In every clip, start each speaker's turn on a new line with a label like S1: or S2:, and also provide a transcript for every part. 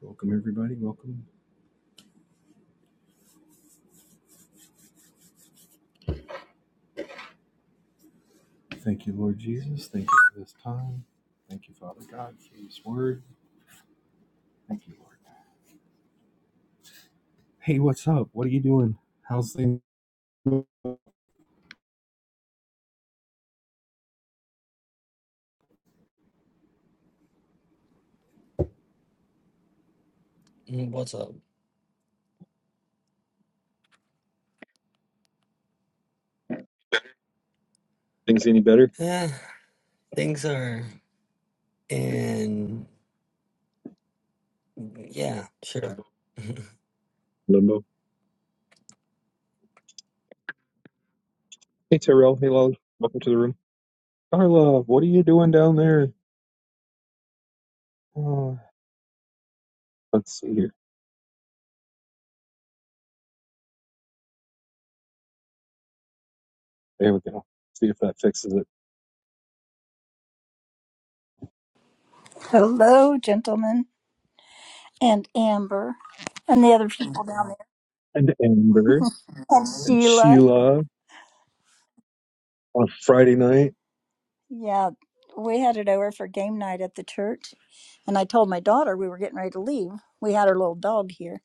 S1: Welcome, everybody. Welcome. Thank you, Lord Jesus. Thank you for this time. Thank you, Father God, for this word. Thank you, Lord. Hey, what's up? What are you doing? How's things?
S2: Mm, What's up?
S1: Things any better?
S2: Eh, things are in. Yeah, sure.
S1: Limbo. Hey, Terrell. Hey, love. Welcome to the room. Carla, what are you doing down there? Uh, let's see here. There we go. See if that fixes it.
S3: Hello, gentlemen, and Amber, and the other people down there,
S1: And Amber
S3: and
S1: and
S3: Sheila.
S1: Sheila on Friday night.
S3: Yeah, we had it over for game night at the church, and I told my daughter we were getting ready to leave. We had our little dog here,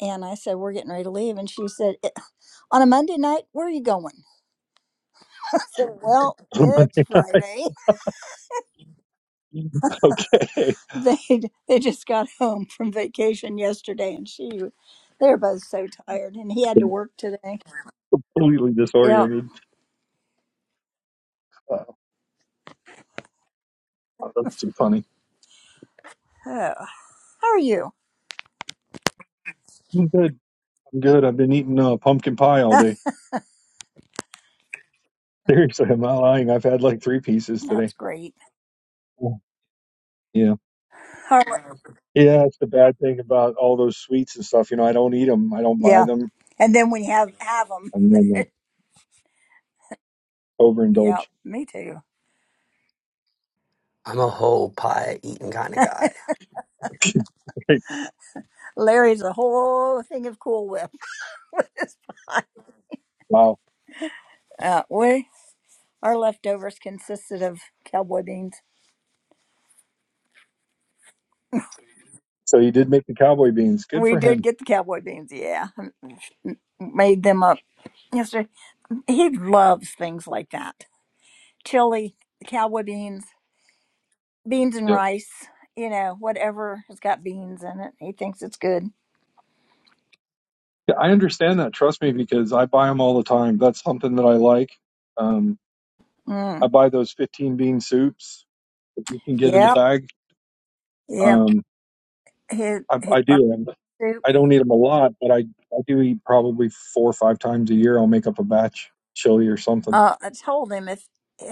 S3: and I said we're getting ready to leave, and she said, "Eh, "On a Monday night, where are you going?" I said, "Well,
S1: On
S3: it's
S1: Monday.
S3: Friday."
S1: okay.
S3: They they just got home from vacation yesterday, and she they were both so tired, and he had to work today.
S1: Completely
S3: Yeah.
S1: disoriented. Uh, that's too funny.
S3: Oh, how are you?
S1: Good. Good. I've been eating uh, pumpkin pie all day. Seriously, I'm not lying. I've had like three pieces today.
S3: That's great.
S1: Yeah.
S3: How?
S1: Yeah, it's the bad thing about all those sweets and stuff. You know, I don't eat them. I don't buy
S3: Yeah.
S1: them.
S3: And then we have have them.
S1: And then like,
S3: Yeah,
S1: overindulge.
S3: me too.
S2: I'm a whole pie eating kind of guy.
S3: Larry's a whole thing of Cool Whip.
S1: wow.
S3: uh, we our leftovers consisted of cowboy beans.
S1: So he did make the cowboy beans. Good
S3: We
S1: for
S3: did
S1: him.
S3: get the cowboy beans. Yeah, made them up yesterday. He loves things like that. Chili, cowboy beans, beans and
S1: Yep.
S3: rice. You know, whatever has got beans in it, he thinks it's good.
S1: Yeah, I understand that. Trust me, because I buy them all the time. That's something that I like. Um,
S3: Mm.
S1: I buy those 15 bean soups that you can get in the
S3: Yep,
S1: bag.
S3: yep.
S1: Um,
S3: He
S1: I,
S3: he
S1: I
S3: loves
S1: do.
S3: soup.
S1: I don't eat them a lot, but I, I do eat probably four or five times a year. I'll make up a batch chili or something.
S3: Uh, I told him if.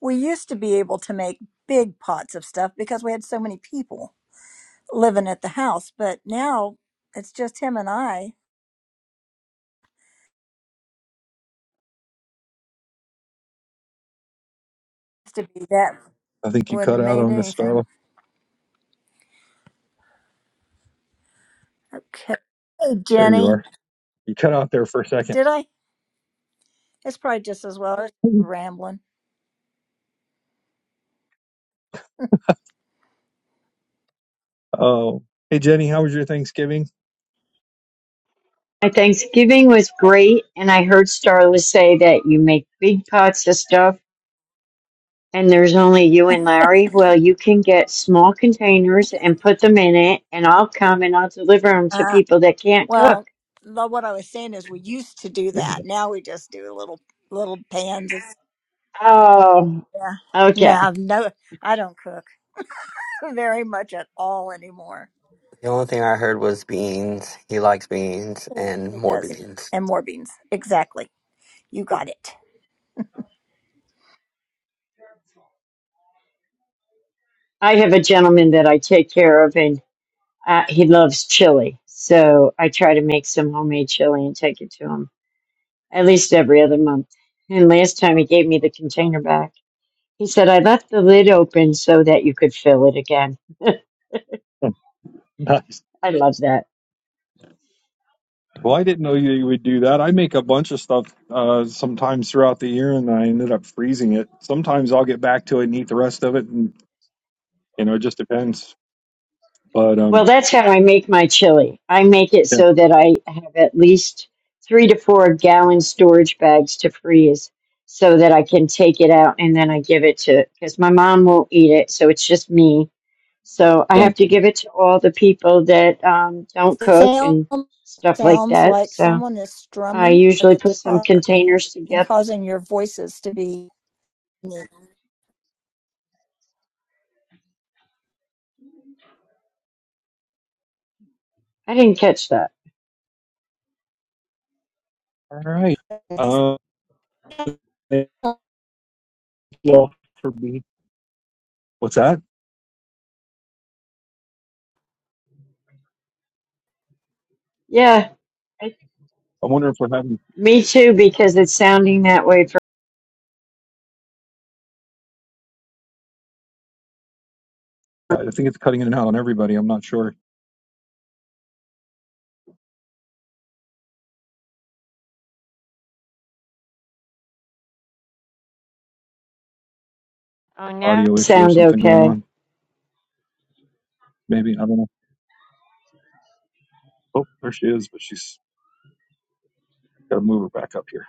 S3: We used to be able to make big pots of stuff because we had so many people living at the house, but now it's just him and I. Used to be that
S1: I think you
S3: wouldn't
S1: cut
S3: have
S1: out
S3: made
S1: on this,
S3: anything.
S1: Starla.
S3: Okay. Hey,
S1: There you
S3: Jenny.
S1: are. You cut out there for a second.
S3: Did I? It's probably just as well. I rambling.
S1: Oh, hey Jenny, how was your Thanksgiving?
S4: My Thanksgiving was great, and I heard Starla say that you make big pots of stuff, and there's only you and Larry. Well, you can get small containers and put them in it, and I'll come and I'll deliver them to
S3: Uh,
S4: people that can't cook.
S3: well, lo- what I was saying is we used to do
S1: There you
S3: that.
S1: go.
S3: Now we just do little little pans. Of,
S4: Oh,
S3: yeah.
S4: okay.
S3: No, no, I don't cook very much at all anymore.
S2: The only thing I heard was beans. He likes beans
S3: Who
S2: and
S3: who
S2: more
S3: does?
S2: beans.
S3: And more beans. Exactly. You got it.
S4: I have a gentleman that I take care of, and uh, he loves chili, so I try to make some homemade chili and take it to him at least every other month. And last time he gave me the container back. He said, I left the lid open so that you could fill it again.
S1: Nice.
S4: I love that.
S1: Well, I didn't know you you would do that. I make a bunch of stuff uh, sometimes throughout the year, and I ended up freezing it. Sometimes I'll get back to it and eat the rest of it, and you know, it just depends. But
S4: Well,
S1: um,
S4: that's how I make my chili. I make it
S1: yeah.
S4: so that I have at least three to four gallon storage bags to freeze so that I can take it out and then I give it to, because my mom won't eat it. So it's just me. So I have
S1: Well,
S4: to give it to all the people that um, don't cook
S3: Sound
S4: and stuff like
S3: sounds
S4: that.
S3: like
S4: So
S3: someone is
S4: I
S3: strumming a
S4: usually put some
S3: guitar
S4: containers
S3: and
S4: together.
S3: causing your voices to be. unique.
S4: I didn't catch that.
S1: all right. Uh, thank you all for being. What's that?
S4: Yeah.
S1: I wonder if we're having.
S4: Me too, because it's sounding that way for
S1: yeah, I think it's cutting in and out on everybody. I'm not sure.
S4: Oh no.
S1: Audio issue or
S4: sound
S1: something going
S4: okay.
S1: on. Maybe I don't know. Oh, there she is, but she's got to move her back up here.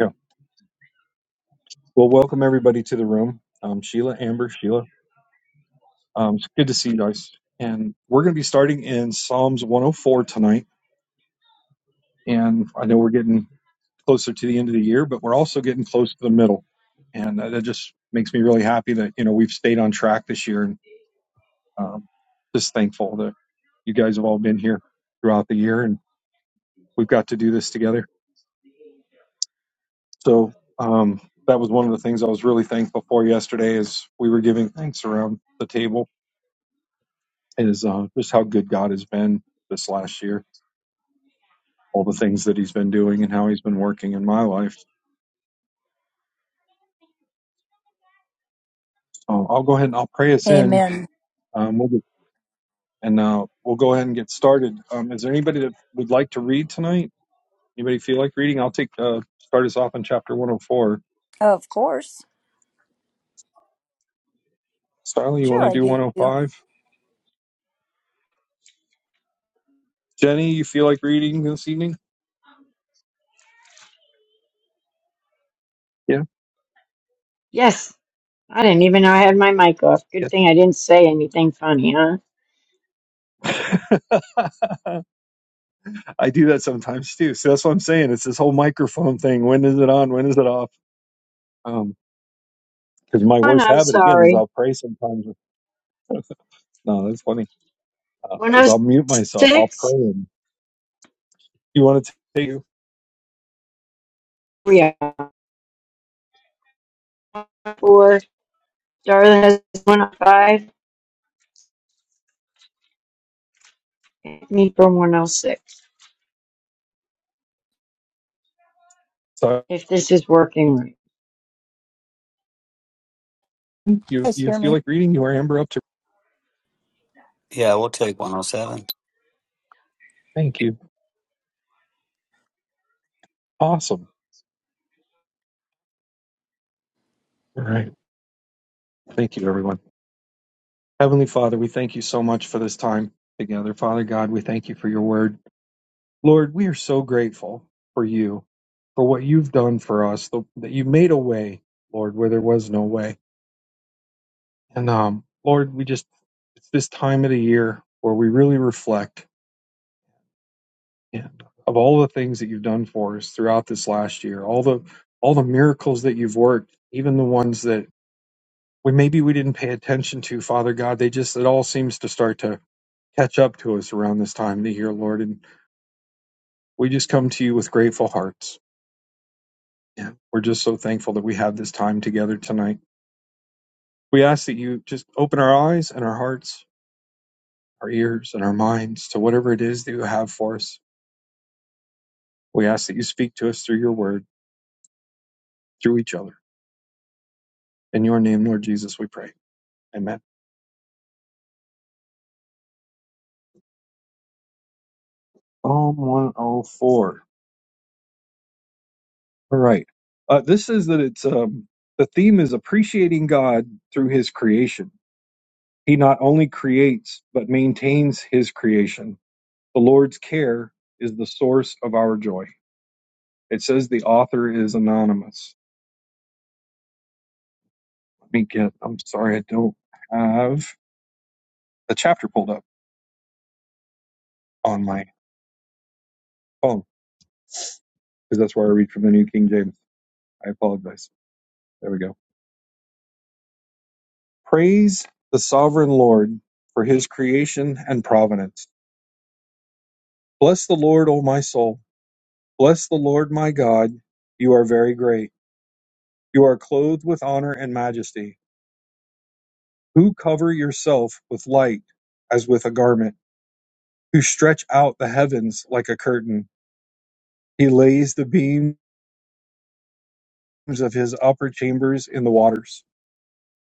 S1: Yeah. Well, welcome everybody to the room. Um, Sheila, Amber, Sheila. Um, it's good to see you guys. And we're going to be starting in Psalms 104 tonight. And I know we're getting closer to the end of the year, but we're also getting close to the middle. And that that just makes me really happy that you know we've stayed on track this year. And um, just thankful that you guys have all been here throughout the year we've got to do this together. So um, that was one of the things I was really thankful for yesterday as we were giving thanks around the table is uh, just how good God has been this last year, all the things that he's been doing and how he's been working in my life. So I'll go ahead and I'll pray us in.
S3: Amen.
S1: Um, we'll get, and uh, we'll go ahead and get started. Um, is there anybody that would like to read tonight? Anybody feel like reading? I'll take uh, start us off in chapter 104.
S3: Of course.
S1: Styling, you want
S3: Sure,
S1: to
S3: I
S1: do
S3: do. You
S1: 105? Jenny, you feel like reading this evening? Yeah.
S4: Yes, I didn't even know I had my mic off. Good thing I didn't say anything funny, huh?
S1: Yeah. I do that sometimes too. So that's what I'm saying. It's this whole microphone thing. When is it on? When is it off? Um, because my
S4: And
S1: worst
S4: I'm
S1: habit again is
S4: sorry.
S1: I'll pray sometimes. No, that's funny. Uh, is I'll mute myself. I'll pray.
S4: 106,
S1: And you want to take you?
S4: we are four. Darla has 105, me from 106.
S1: So
S4: If this is working right,
S1: you
S3: Guys,
S1: you
S3: hear
S1: feel
S3: me?
S1: like reading? You are Amber up to?
S2: Yeah, we'll take 107.
S1: Thank you. Awesome. All right. Thank you, everyone. Heavenly Father, we thank you so much for this time together. Father God, we thank you for your word. Lord, we are so grateful for you, for what you've done for us, the, that you made a way, Lord, where there was no way. And um, Lord, we just, it's this time of the year where we really reflect and of all the things that you've done for us throughout this last year, all the, all the miracles that you've worked, even the ones that we maybe we didn't pay attention to, Father God, they just, it all seems to start to catch up to us around this time of the year, Lord. And we just come to you with grateful hearts Yeah, we're just so thankful that we have this time together tonight. We ask that you just open our eyes and our hearts, our ears and our minds to whatever it is that you have for us. We ask that you speak to us through your word, through each other. In your name, Lord Jesus, we pray. Amen. Psalm 104. All right. Uh, this is that it's um, the theme is appreciating God through his creation. He not only creates, but maintains his creation. The Lord's care is the source of our joy. It says the author is anonymous. Let me get, I'm sorry, I don't have the chapter pulled up on my phone because that's where I read from the New King James. I apologize. There we go. Praise the sovereign Lord for his creation and providence. Bless the Lord, O my soul. Bless the Lord, my God. You are very great. You are clothed with honor and majesty. Who cover yourself with light as with a garment, who stretch out the heavens like a curtain. He lays the beams. of his upper chambers in the waters,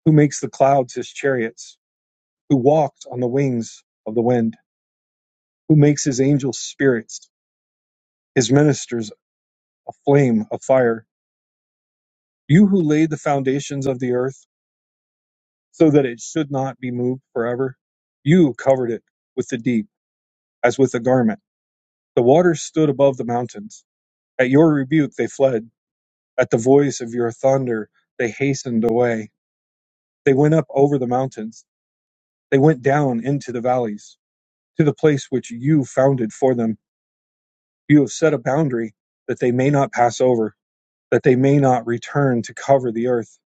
S1: who makes the clouds his chariots, who walks on the wings of the wind, who makes his angels spirits, his ministers a flame of fire. You who laid the foundations of the earth so that it should not be moved forever, you covered it with the deep as with a garment. The waters stood above the mountains. At your rebuke they fled. At the voice of your thunder they hastened away. They went up over the mountains. They went down into the valleys. to the place which you founded for them. You have set a boundary that they may not pass over, that they may not return to cover the earth.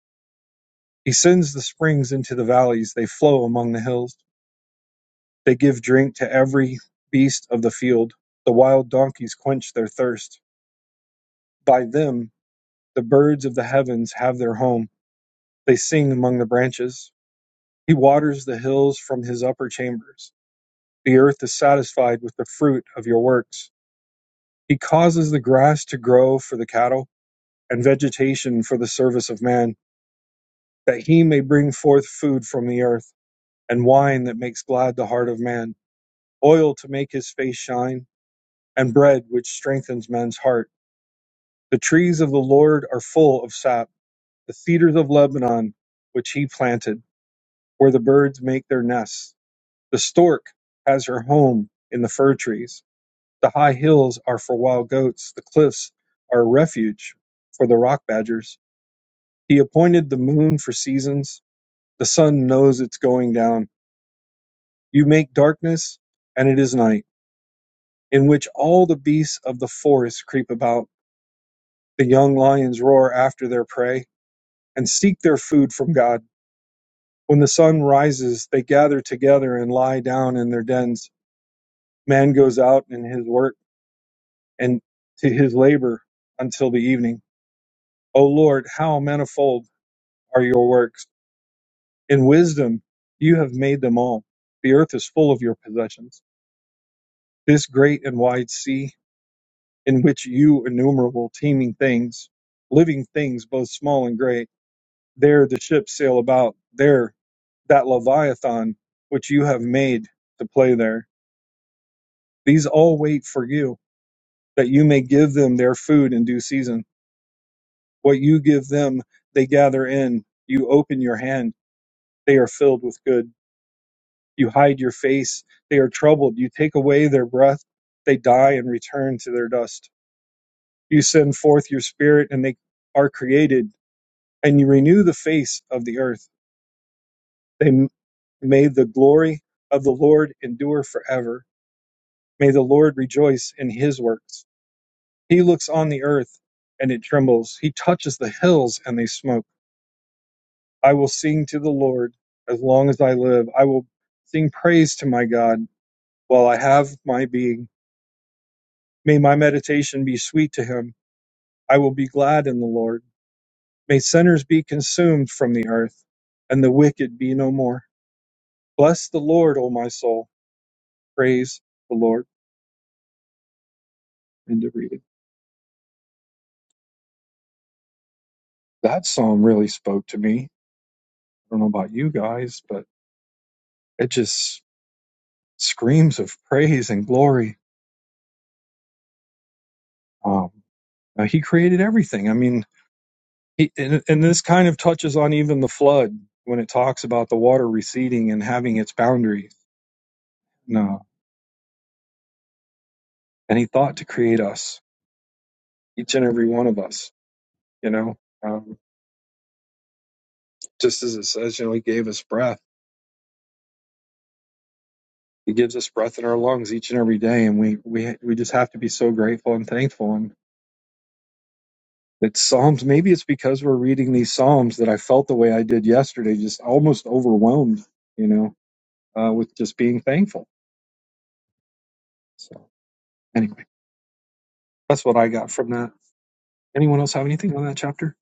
S1: He sends the springs into the valleys, they flow among the hills. They give drink to every beast of the field. The wild donkeys quench their thirst. By them, the birds of the heavens have their home. They sing among the branches. He waters the hills from his upper chambers. The earth is satisfied with the fruit of your works. He causes the grass to grow for the cattle and vegetation for the service of man, that he may bring forth food from the earth, and wine that makes glad the heart of man, oil to make his face shine, and bread which strengthens man's heart. The trees of the Lord are full of sap, the cedars of Lebanon, which he planted, where the birds make their nests. The stork has her home in the fir trees. The high hills are for wild goats, the cliffs are a refuge for the rock badgers. He appointed the moon for seasons The sun knows its going down. You make darkness, and it is night, in which all the beasts of the forest creep about. The young lions roar after their prey and seek their food from God. When the sun rises, they gather together and lie down in their dens. Man goes out in his work and to his labor until the evening. O Lord, how manifold are your works! In wisdom you have made them all. The earth is full of your possessions. This great and wide sea in which you innumerable teeming things, living things both small and great, there the ships sail about, there that Leviathan which you have made to play there. These all wait for you, that you may give them their food in due season. What you give them, they gather in. You open your hand, they are filled with good. You hide your face, they are troubled. You take away their breath, they die and return to their dust. You send forth your spirit, and they are created and you renew the face of the earth. They may the glory of the Lord endure forever. May the Lord rejoice in his works. He looks on the earth and it trembles. He touches the hills and they smoke. I will sing to the Lord as long as I live. I will sing praise to my God while I have my being. May my meditation be sweet to him. I will be glad in the Lord. May sinners be consumed from the earth and the wicked be no more. Bless the Lord, O my soul Praise the Lord. End of reading. That psalm really spoke to me. I don't know about you guys, but it just screams of praise and glory. Um, uh, he created everything. I mean, he, and, and this kind of touches on even the flood when it talks about the water receding and having its boundaries. No, and he thought to create us, each and every one of us. You know, um, just as it says, you know, he gave us breath. He gives us breath in our lungs each and every day, and we we we just have to be so grateful and thankful. and It's Psalms. Maybe it's because we're reading these Psalms that I felt the way I did yesterday, just almost overwhelmed, you know, uh, with just being thankful. So anyway, that's what I got from that. Anyone else have anything on that chapter?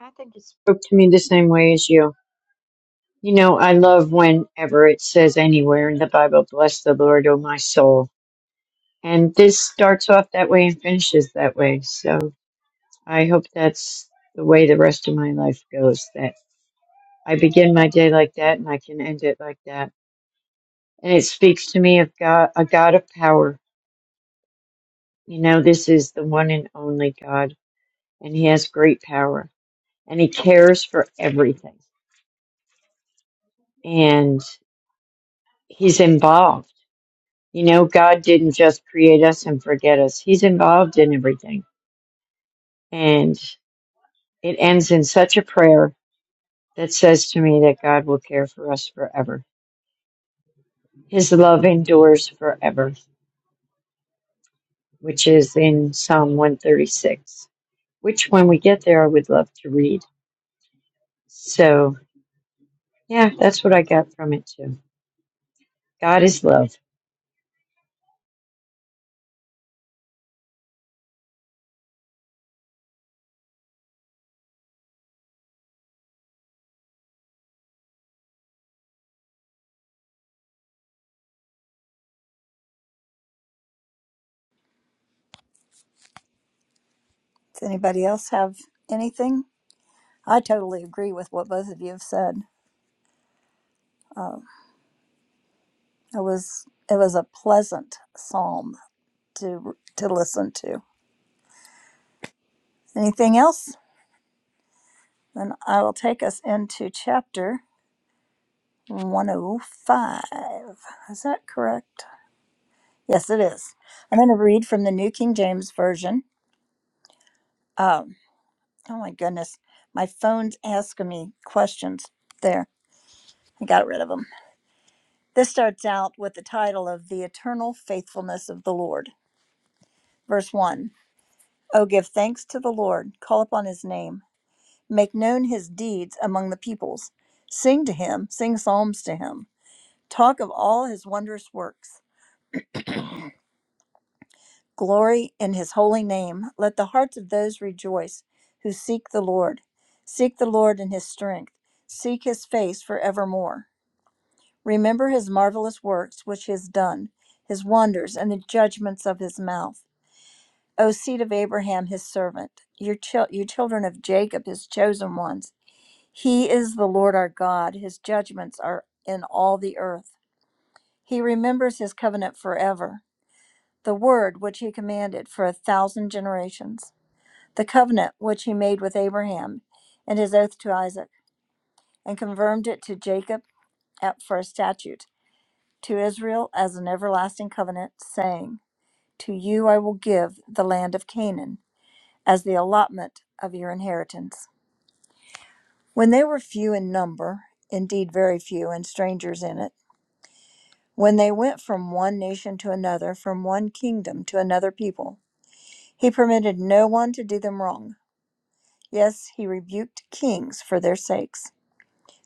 S4: I think it spoke to me the same way as you. You know, I love whenever it says anywhere in the Bible, bless the Lord, O my soul. And this starts off that way and finishes that way. So I hope that's the way the rest of my life goes. That I begin my day like that and I can end it like that. And it speaks to me of God, a God of power. You know, this is the one and only God, and He has great power, and He cares for everything, and He's involved. You know, God didn't just create us and forget us, He's involved in everything. And it ends in such a prayer that says to me that God will care for us forever. His love endures forever which is in Psalm 136, which when we get there, I would love to read. So, yeah, that's what I got from it too. God is love.
S3: Does anybody else have anything? I totally agree with what both of you have said. Uh, it was it was a pleasant psalm to to listen to. Anything else? Then I will take us into chapter 105. Is that correct? Yes, it is. I'm going to read from the New King James Version. Um, oh my goodness, my phone's asking me questions. There, I got rid of them. This starts out with the title of "The Eternal Faithfulness of the Lord." Verse 1 O give thanks to the Lord, call upon his name, make known his deeds among the peoples. Sing to him, sing psalms to him, talk of all his wondrous works. Glory in his holy name. Let the hearts of those rejoice who seek the Lord. Seek the Lord in his strength, seek his face forevermore. Remember his marvelous works which he has done, his wonders, and the judgments of his mouth. O seed of Abraham, his servant, your, chil- you children of Jacob, his chosen ones. He is the Lord our God. His judgments are in all the earth. He remembers his covenant forever, the word which he commanded for a thousand generations, the covenant which he made with Abraham and his oath to Isaac, and confirmed it to Jacob at for a statute, to Israel as an everlasting covenant, saying, To you I will give the land of Canaan as the allotment of your inheritance. When they were few in number, indeed very few, and strangers in it, when they went from one nation to another, from one kingdom to another people, he permitted no one to do them wrong. Yes, he rebuked kings for their sakes,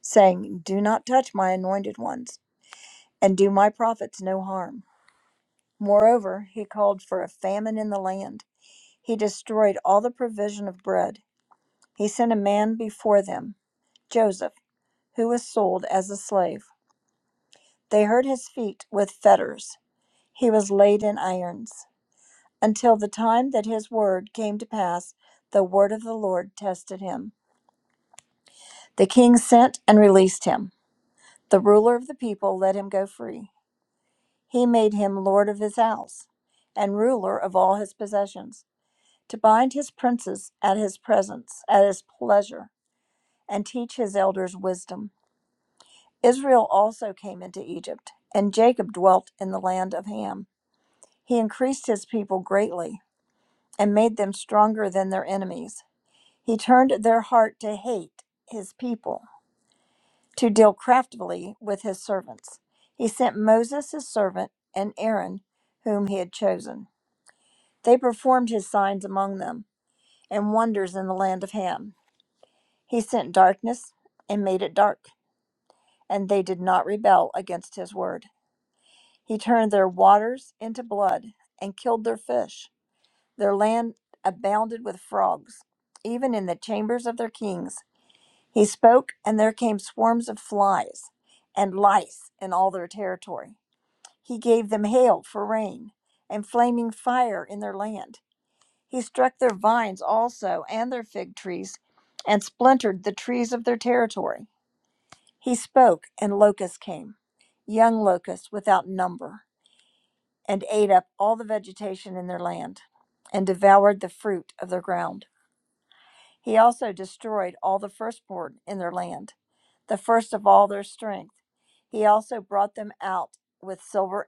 S3: saying, Do not touch my anointed ones, and do my prophets no harm. Moreover, he called for a famine in the land. He destroyed all the provision of bread. He sent a man before them. Joseph who was sold as a slave. They hurt his feet with fetters. He was laid in irons. Until the time that his word came to pass, the word of the Lord tested him. The king sent and released him. The ruler of the people let him go free. He made him lord of his house and ruler of all his possessions, to bind his princes at his presence, at his pleasure, and teach his elders wisdom. Israel also came into Egypt, and Jacob dwelt in the land of Ham. He increased his people greatly and made them stronger than their enemies. He turned their heart to hate his people, to deal craftily with his servants. He sent Moses, his servant, and Aaron, whom he had chosen. They performed his signs among them and wonders in the land of Ham. He sent darkness and made it dark, and they did not rebel against his word. He turned their waters into blood and killed their fish. Their land abounded with frogs, even in the chambers of their kings. He spoke, and there came swarms of flies and lice in all their territory. He gave them hail for rain and flaming fire in their land. He struck their vines also and their fig trees and splintered the trees of their territory. He spoke, and locusts came, young locusts without number and ate up all the vegetation in their land and devoured the fruit of their ground. He also destroyed all the firstborn in their land, the first of all their strength. He also brought them out with silver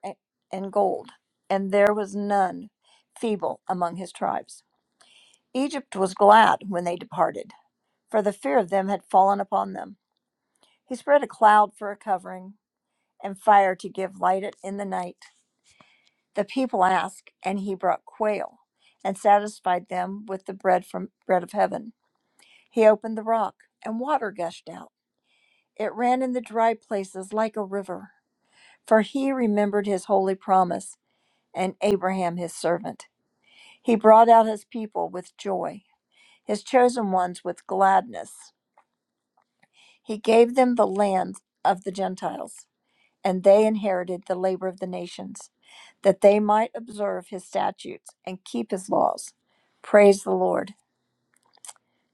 S3: and gold, and there was none feeble among his tribes. Egypt was glad when they departed, for the fear of them had fallen upon them. He spread a cloud for a covering and fire to give light in the night The people asked, and he brought quail and satisfied them with the bread from bread of heaven. He opened the rock, and water gushed out. It ran in the dry places like a river. For he remembered his holy promise and Abraham his servant. He brought out his people with joy, his chosen ones with gladness. He gave them the land of the Gentiles. and they inherited the labor of the nations, that they might observe his statutes and keep his laws. Praise the Lord.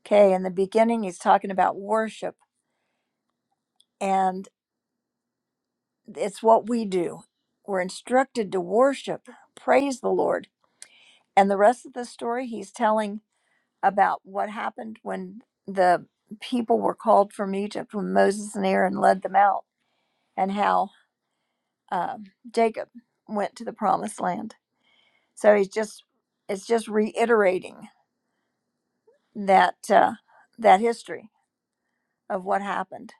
S3: Okay, in the beginning, he's talking about worship, and it's what we do. We're instructed to worship, praise the Lord. And the rest of the story, he's telling about what happened when the people were called from Egypt, when Moses and Aaron led them out, and how um Jacob went to the promised land So he's just it's just reiterating that uh, that history of what happened,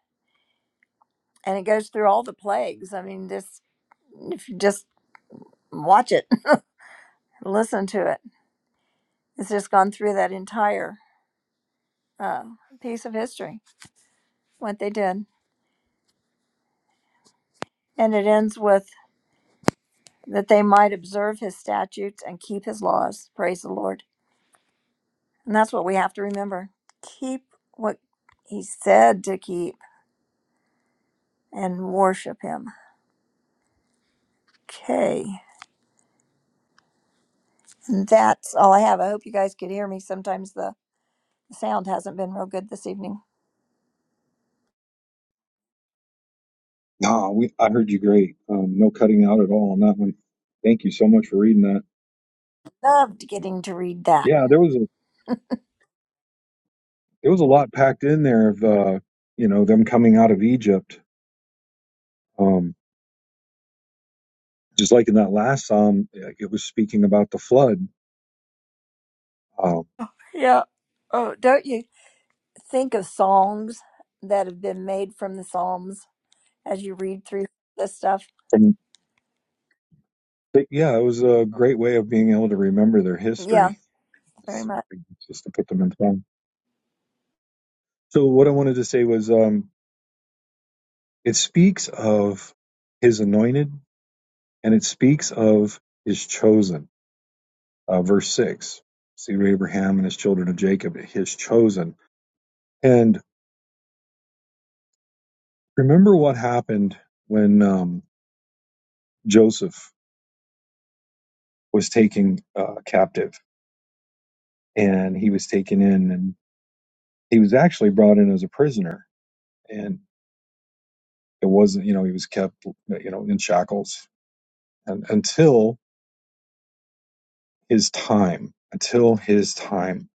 S3: and it goes through all the plagues. I mean, just just watch it, listen to it. It's just gone through that entire uh, piece of history, what they did, and it ends with that they might observe his statutes and keep his laws. Praise the Lord, and that's what we have to remember: keep what he said to keep and worship him. Okay. That's all I have. I hope you guys could hear me. Sometimes the sound hasn't been real good this evening.
S1: No, we, I heard you great. Um, no cutting out at all on that one. Thank you so much for reading that.
S3: Loved getting to read that.
S1: Yeah, there was a there was a lot packed in there of uh, you know them coming out of Egypt. Um, just like in that last psalm, like, it was speaking about the flood. Um,
S3: Yeah. Oh, don't you think of songs that have been made from the Psalms as you read through this stuff?
S1: But yeah, it was a great way of being able to remember their
S3: Yeah,
S1: history,
S3: very
S1: just
S3: much.
S1: just to put them in time. So what I wanted to say was, um, it speaks of his anointed, and it speaks of his chosen. Uh, verse six: See Abraham and his children of Jacob, his chosen. And remember what happened when um, Joseph was taken uh, captive, and he was taken in, and he was actually brought in as a prisoner. and. It wasn't, you know, he was kept, you know, in shackles and until his time, until his time.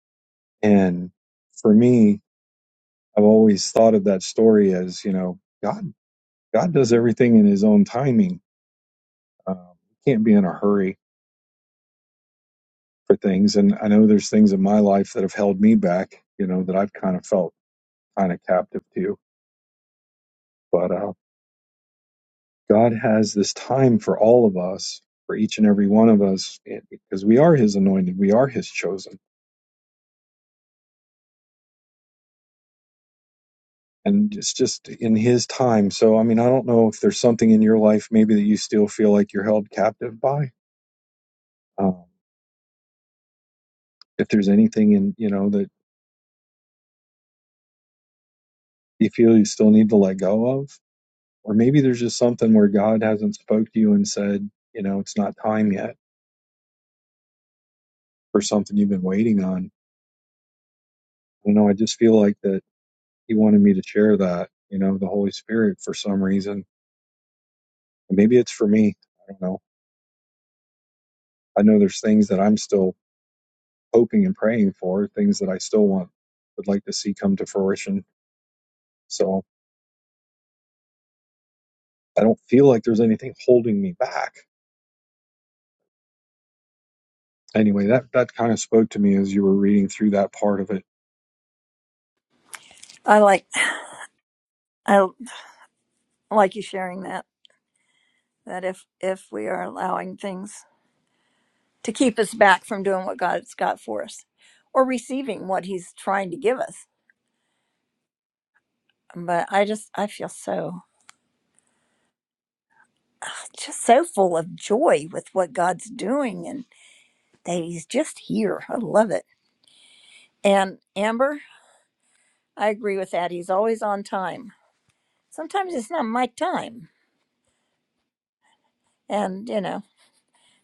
S1: And for me, I've always thought of that story as, you know, God, God does everything in his own timing. Um, can't be in a hurry for things. And I know there's things in my life that have held me back, you know, that I've kind of felt kind of captive to, but, uh, God has this time for all of us, for each and every one of us, because we are His anointed, we are His chosen and it's just in his time. So, I mean, I don't know if there's something in your life maybe that you still feel like you're held captive by. Um, if there's anything in, you know, that you feel you still need to let go of, or maybe there's just something where God hasn't spoke to you and said, you know, it's not time yet for something you've been waiting on. I don't know. I just feel like that he wanted me to share that, you know, the Holy Spirit for some reason. And maybe it's for me. I don't know. I know there's things that I'm still hoping and praying for, things that I still want would like to see come to fruition. So I don't feel like there's anything holding me back. Anyway, that that kind of spoke to me as you were reading through that part of it.
S3: I like. I like you sharing that that if if we are allowing things to keep us back from doing what god's got for us or receiving what he's trying to give us but i just i feel so ah, just so full of joy with what god's doing and that he's just here i love it and amber i agree with that he's always on time sometimes it's not my time and you know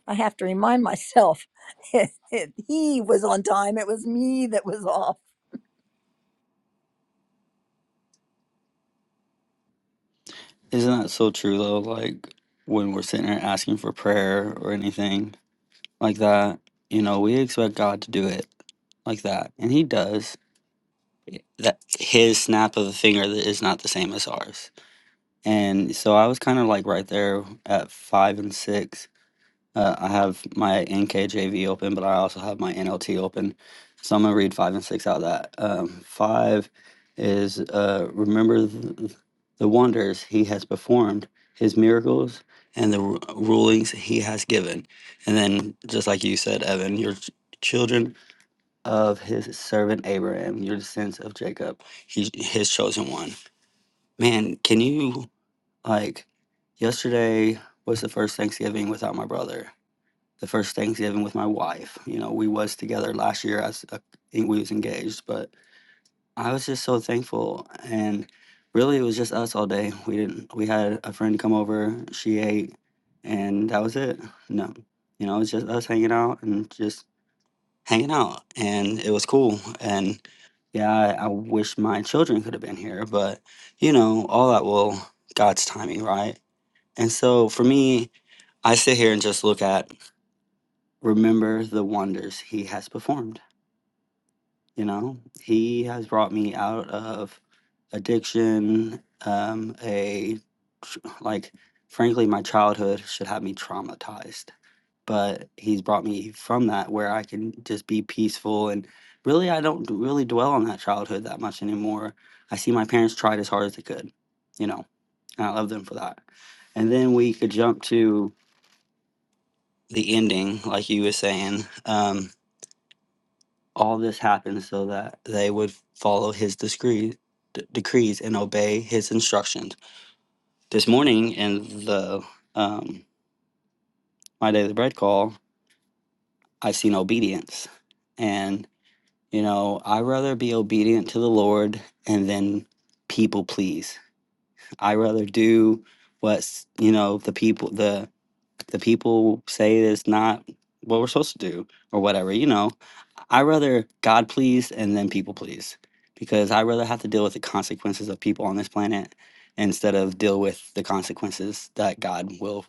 S3: i have to remind myself he was on time it was me that was off
S2: Isn't that so true though? Like when we're sitting there asking for prayer or anything like that, you know, we expect God to do it like that, and He does. That His snap of the finger that is not the same as ours. And so I was kind of like right there at five and six. Uh, I have my NKJV open, but I also have my NLT open. So I'm going to read five and six out of that. Um, five is uh, remember the, the wonders he has performed, his miracles, and the ru- rulings he has given. And then, just like you said, Evan, your ch- children of his servant Abraham, your descendants of Jacob, he, his chosen one. Man, can you? Like yesterday was the first Thanksgiving without my brother. The first Thanksgiving with my wife. You know, we was together last year as a, we was engaged, but I was just so thankful and really it was just us all day. We didn't we had a friend come over, she ate and that was it. No. You know, it was just us hanging out and just hanging out and it was cool and yeah, I, I wish my children could have been here, but you know, all that will God's timing, right? And so for me, I sit here and just look at, remember the wonders he has performed. You know, he has brought me out of addiction, um, a tr- like, frankly, my childhood should have me traumatized. But he's brought me from that where I can just be peaceful. And really, I don't d- really dwell on that childhood that much anymore. I see my parents tried as hard as they could, you know, and I love them for that. And then we could jump to the ending, like you were saying, um, all this happened so that they would follow his discree, d- decrees and obey his instructions. This morning in the um, My Daily Bread call, I've seen obedience. And, you know, i rather be obedient to the Lord and then people please. i rather do what's, you know, the people, the, the people say is not what we're supposed to do or whatever, you know I rather God please and then people please because I rather have to deal with the consequences of people on this planet instead of deal with the consequences that God will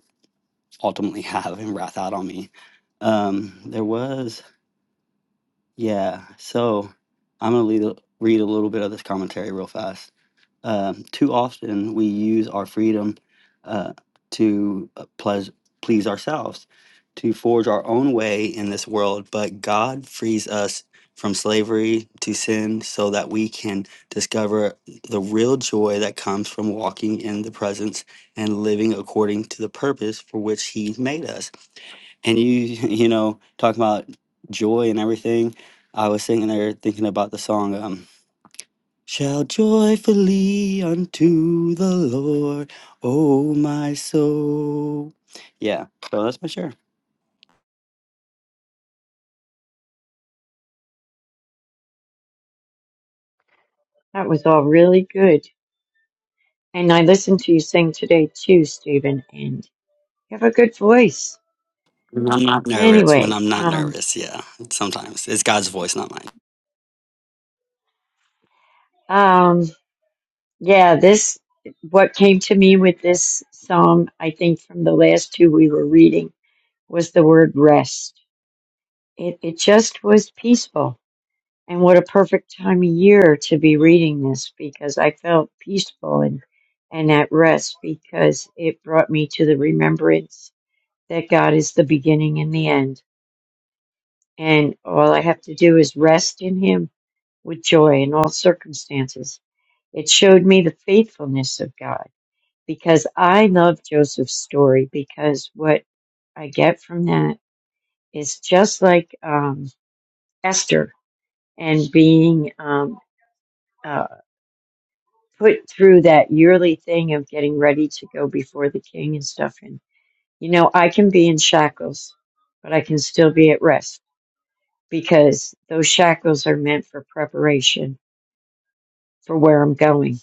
S2: ultimately have and wrath out on me. Um, there was, yeah. So I'm gonna lead read a little bit of this commentary real fast. Uh, too often we use our freedom uh, to uh, pleas please ourselves, to forge our own way in this world, but God frees us from slavery to sin so that we can discover the real joy that comes from walking in the presence and living according to the purpose for which he made us. And you, you know, talking about joy and everything, I was sitting there thinking about the song. Um, Shout joyfully unto the Lord, O my soul. Yeah, so that's my share.
S4: That was all really good. And I listened to you sing today too, Stephen, and you have a good voice.
S2: When I'm not nervous. When
S4: Anyway,
S2: I'm not
S4: um,
S2: nervous, yeah. Sometimes it's God's voice, not mine.
S4: um, yeah, this, what came to me with this psalm, I think from the last two we were reading, was the word rest. It, it just was peaceful And what a perfect time of year to be reading this because I felt peaceful and, and at rest because it brought me to the remembrance that God is the beginning and the end. And all I have to do is rest in Him with joy in all circumstances. It showed me the faithfulness of God because I love Joseph's story because what I get from that is just like um, Esther and being um, put through that yearly thing of getting ready to go before the king and stuff. And, you know, I can be in shackles, but I can still be at rest because those shackles are meant for preparation for where I'm going.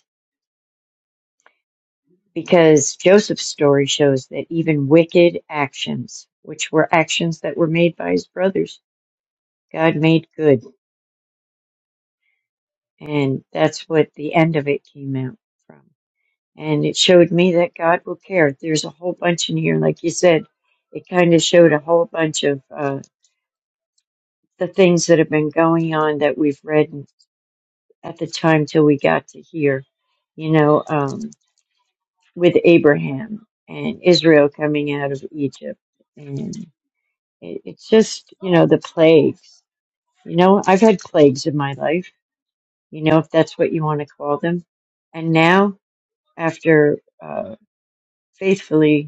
S4: Because Joseph's story shows that even wicked actions, which were actions that were made by his brothers, God made good. And that's what the end of it came out from. and it showed me that God will care. There's a whole bunch in here, like you said. It kind of showed a whole bunch of uh, the things that have been going on that we've read at the time till we got to here, you know, um, with Abraham and Israel coming out of Egypt, and it, it's just you know the plagues. You know, I've had plagues in my life. You know, if that's what you want to call them, and now after uh, faithfully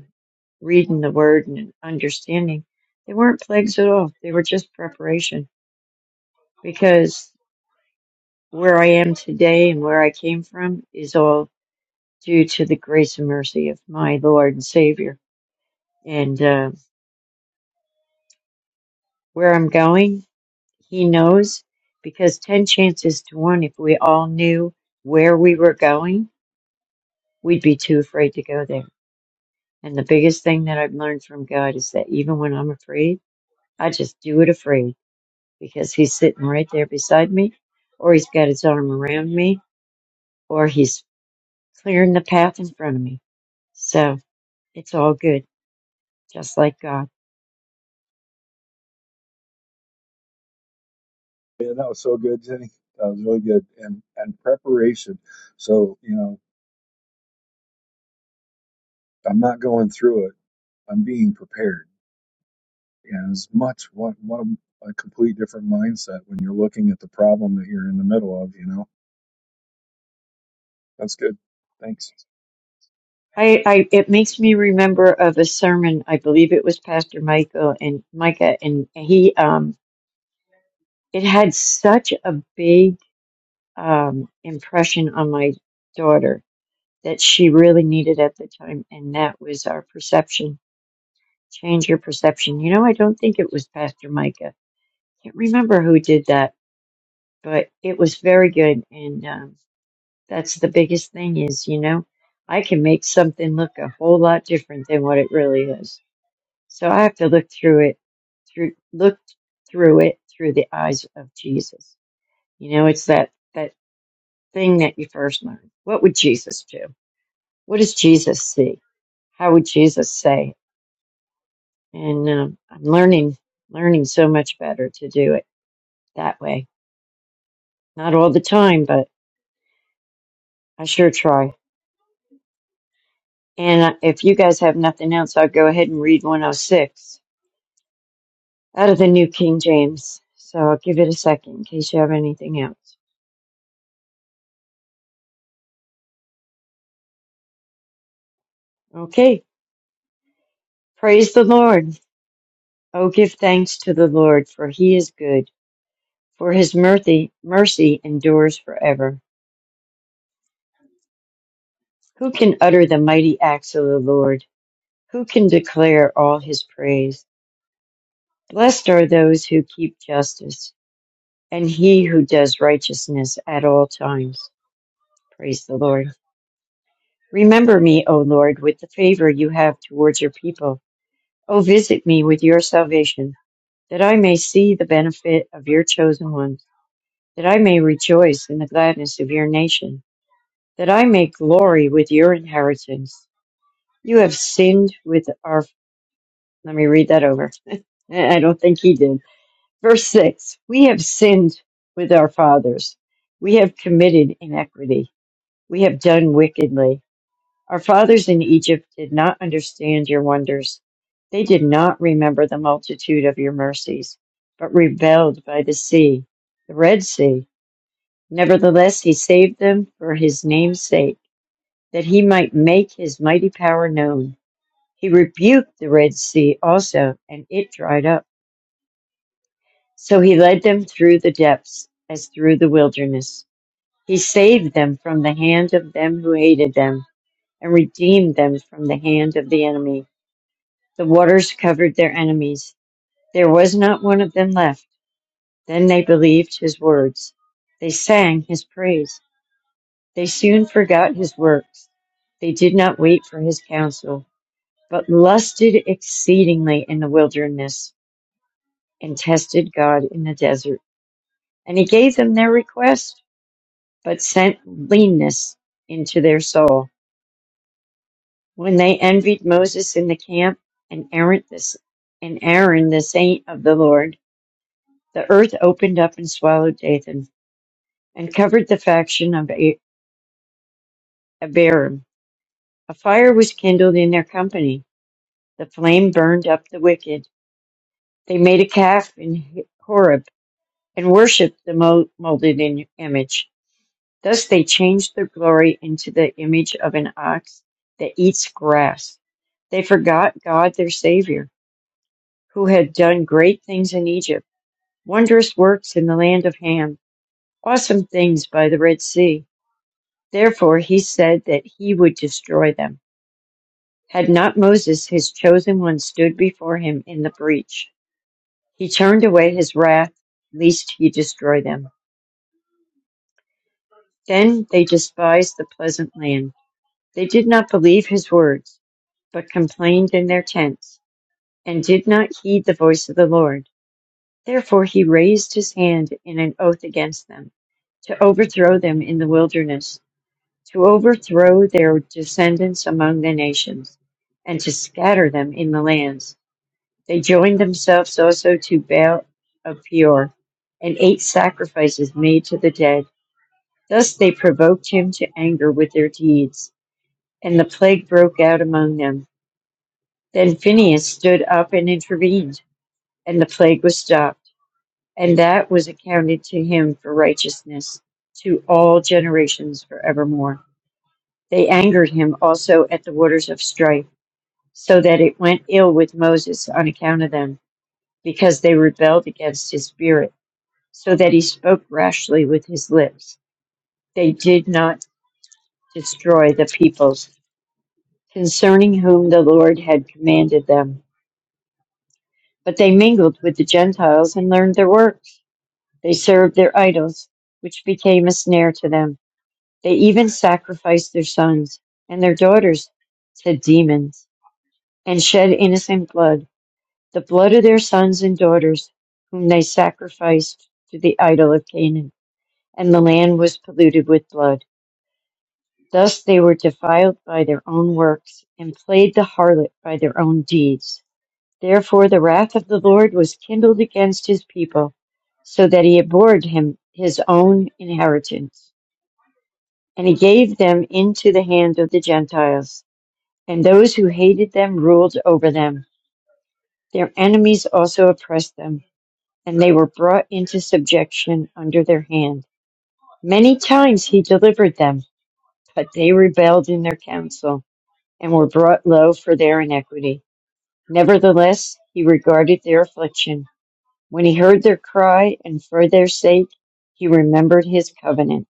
S4: reading the word and understanding. They weren't plagues at all. They were just preparation because where I am today and where I came from is all due to the grace and mercy of my Lord and Savior. And uh, where I'm going, He knows because 10 chances to 1, if we all knew where we were going, we'd be too afraid to go there. And the biggest thing that I've learned from God is that even when I'm afraid, I just do it afraid because he's sitting right there beside me, or he's got his arm around me, or he's clearing the path in front of me. So it's all good, just like God.
S1: Yeah, that was so good, Jenny. That was really good. And and preparation. So you know, I'm not going through it. I'm being prepared. And as much what what a, a complete different mindset when you're looking at the problem that you're in the middle of. You know, that's good. Thanks.
S4: I, I it makes me remember of a sermon. I believe it was Pastor Michael and Micah, and he um it had such a big um impression on my daughter that she really needed at the time, and that was our perception. Change your perception. You know, I don't think it was Pastor Micah can't remember who did that, but it was very good. And um, that's the biggest thing is, you know, I can make something look a whole lot different than what it really is. So I have to look through it, through look through it through the eyes of Jesus. You know, it's that that thing that you first learn. What would Jesus do? What does Jesus see? How would Jesus say? And um, I'm learning learning so much better to do it that way. Not all the time, but I sure try. And if you guys have nothing else, I'll go ahead and read 106 out of the New King James. So I'll give it a second in case you have anything else. Okay. Praise the Lord. Oh, give thanks to the Lord, for he is good, for his mercy, mercy endures forever. Who can utter the mighty acts of the Lord? Who can declare all his praise? Blessed are those who keep justice, and he who does righteousness at all times. Praise the Lord. Remember me, O Lord, with the favor you have towards your people. O visit me with your salvation, that I may see the benefit of your chosen ones, that I may rejoice in the gladness of your nation, that I may glory with your inheritance. You have sinned with our. Let me read that over. I don't think he did. Verse 6 We have sinned with our fathers. We have committed inequity. We have done wickedly. Our fathers in Egypt did not understand your wonders. They did not remember the multitude of your mercies, but rebelled by the sea, the Red Sea. Nevertheless, he saved them for his name's sake, that he might make his mighty power known. He rebuked the Red Sea also, and it dried up. So he led them through the depths, as through the wilderness. He saved them from the hand of them who hated them, and redeemed them from the hand of the enemy The waters covered their enemies. There was not one of them left. Then they believed his words. They sang his praise. They soon forgot his works. They did not wait for his counsel, but lusted exceedingly in the wilderness and tested God in the desert. And he gave them their request, but sent leanness into their soul. When they envied Moses in the camp and Aaron the, and Aaron the saint of the Lord, The earth opened up and swallowed Dathan, and covered the faction of Abiram. A fire was kindled in their company. The flame burned up the wicked. They made a calf in Horeb and worshipped the mo- molded in image. Thus they changed their glory into the image of an ox that eats grass. They forgot God their Savior, who had done great things in Egypt, wondrous works in the land of Ham, awesome things by the Red Sea. Therefore he said that he would destroy them. Had not Moses, his chosen one, stood before him in the breach, he turned away his wrath, lest he destroy them. Then they despised the pleasant land. They did not believe his words, but complained in their tents, and did not heed the voice of the Lord. Therefore he raised his hand in an oath against them, to overthrow them in the wilderness to overthrow their descendants among the nations, and to scatter them in the lands. They joined themselves also to Baal of Peor, and ate sacrifices made to the dead. Thus they provoked him to anger with their deeds, and the plague broke out among them. Then Phinehas stood up and intervened, and the plague was stopped, and that was accounted to him for righteousness to all generations forevermore. They angered him also at the waters of strife so that it went ill with Moses on account of them, because they rebelled against his spirit, so that he spoke rashly with his lips. They did not destroy the peoples concerning whom the Lord had commanded them, but they mingled with the Gentiles and learned their works. They served their idols, which became a snare to them. They even sacrificed their sons and their daughters to demons and shed innocent blood. the blood of their sons and daughters, whom they sacrificed to the idol of Canaan, and the land was polluted with blood. Thus they were defiled by their own works, and played the harlot by their own deeds. Therefore the wrath of the Lord was kindled against his people, so that he abhorred him his own inheritance. And he gave them into the hand of the Gentiles, and those who hated them ruled over them. Their enemies also oppressed them and they were brought into subjection under their hand. Many times he delivered them, but they rebelled in their counsel, and were brought low for their iniquity. Nevertheless, he regarded their affliction. When he heard their cry, and for their sake, he remembered his covenant,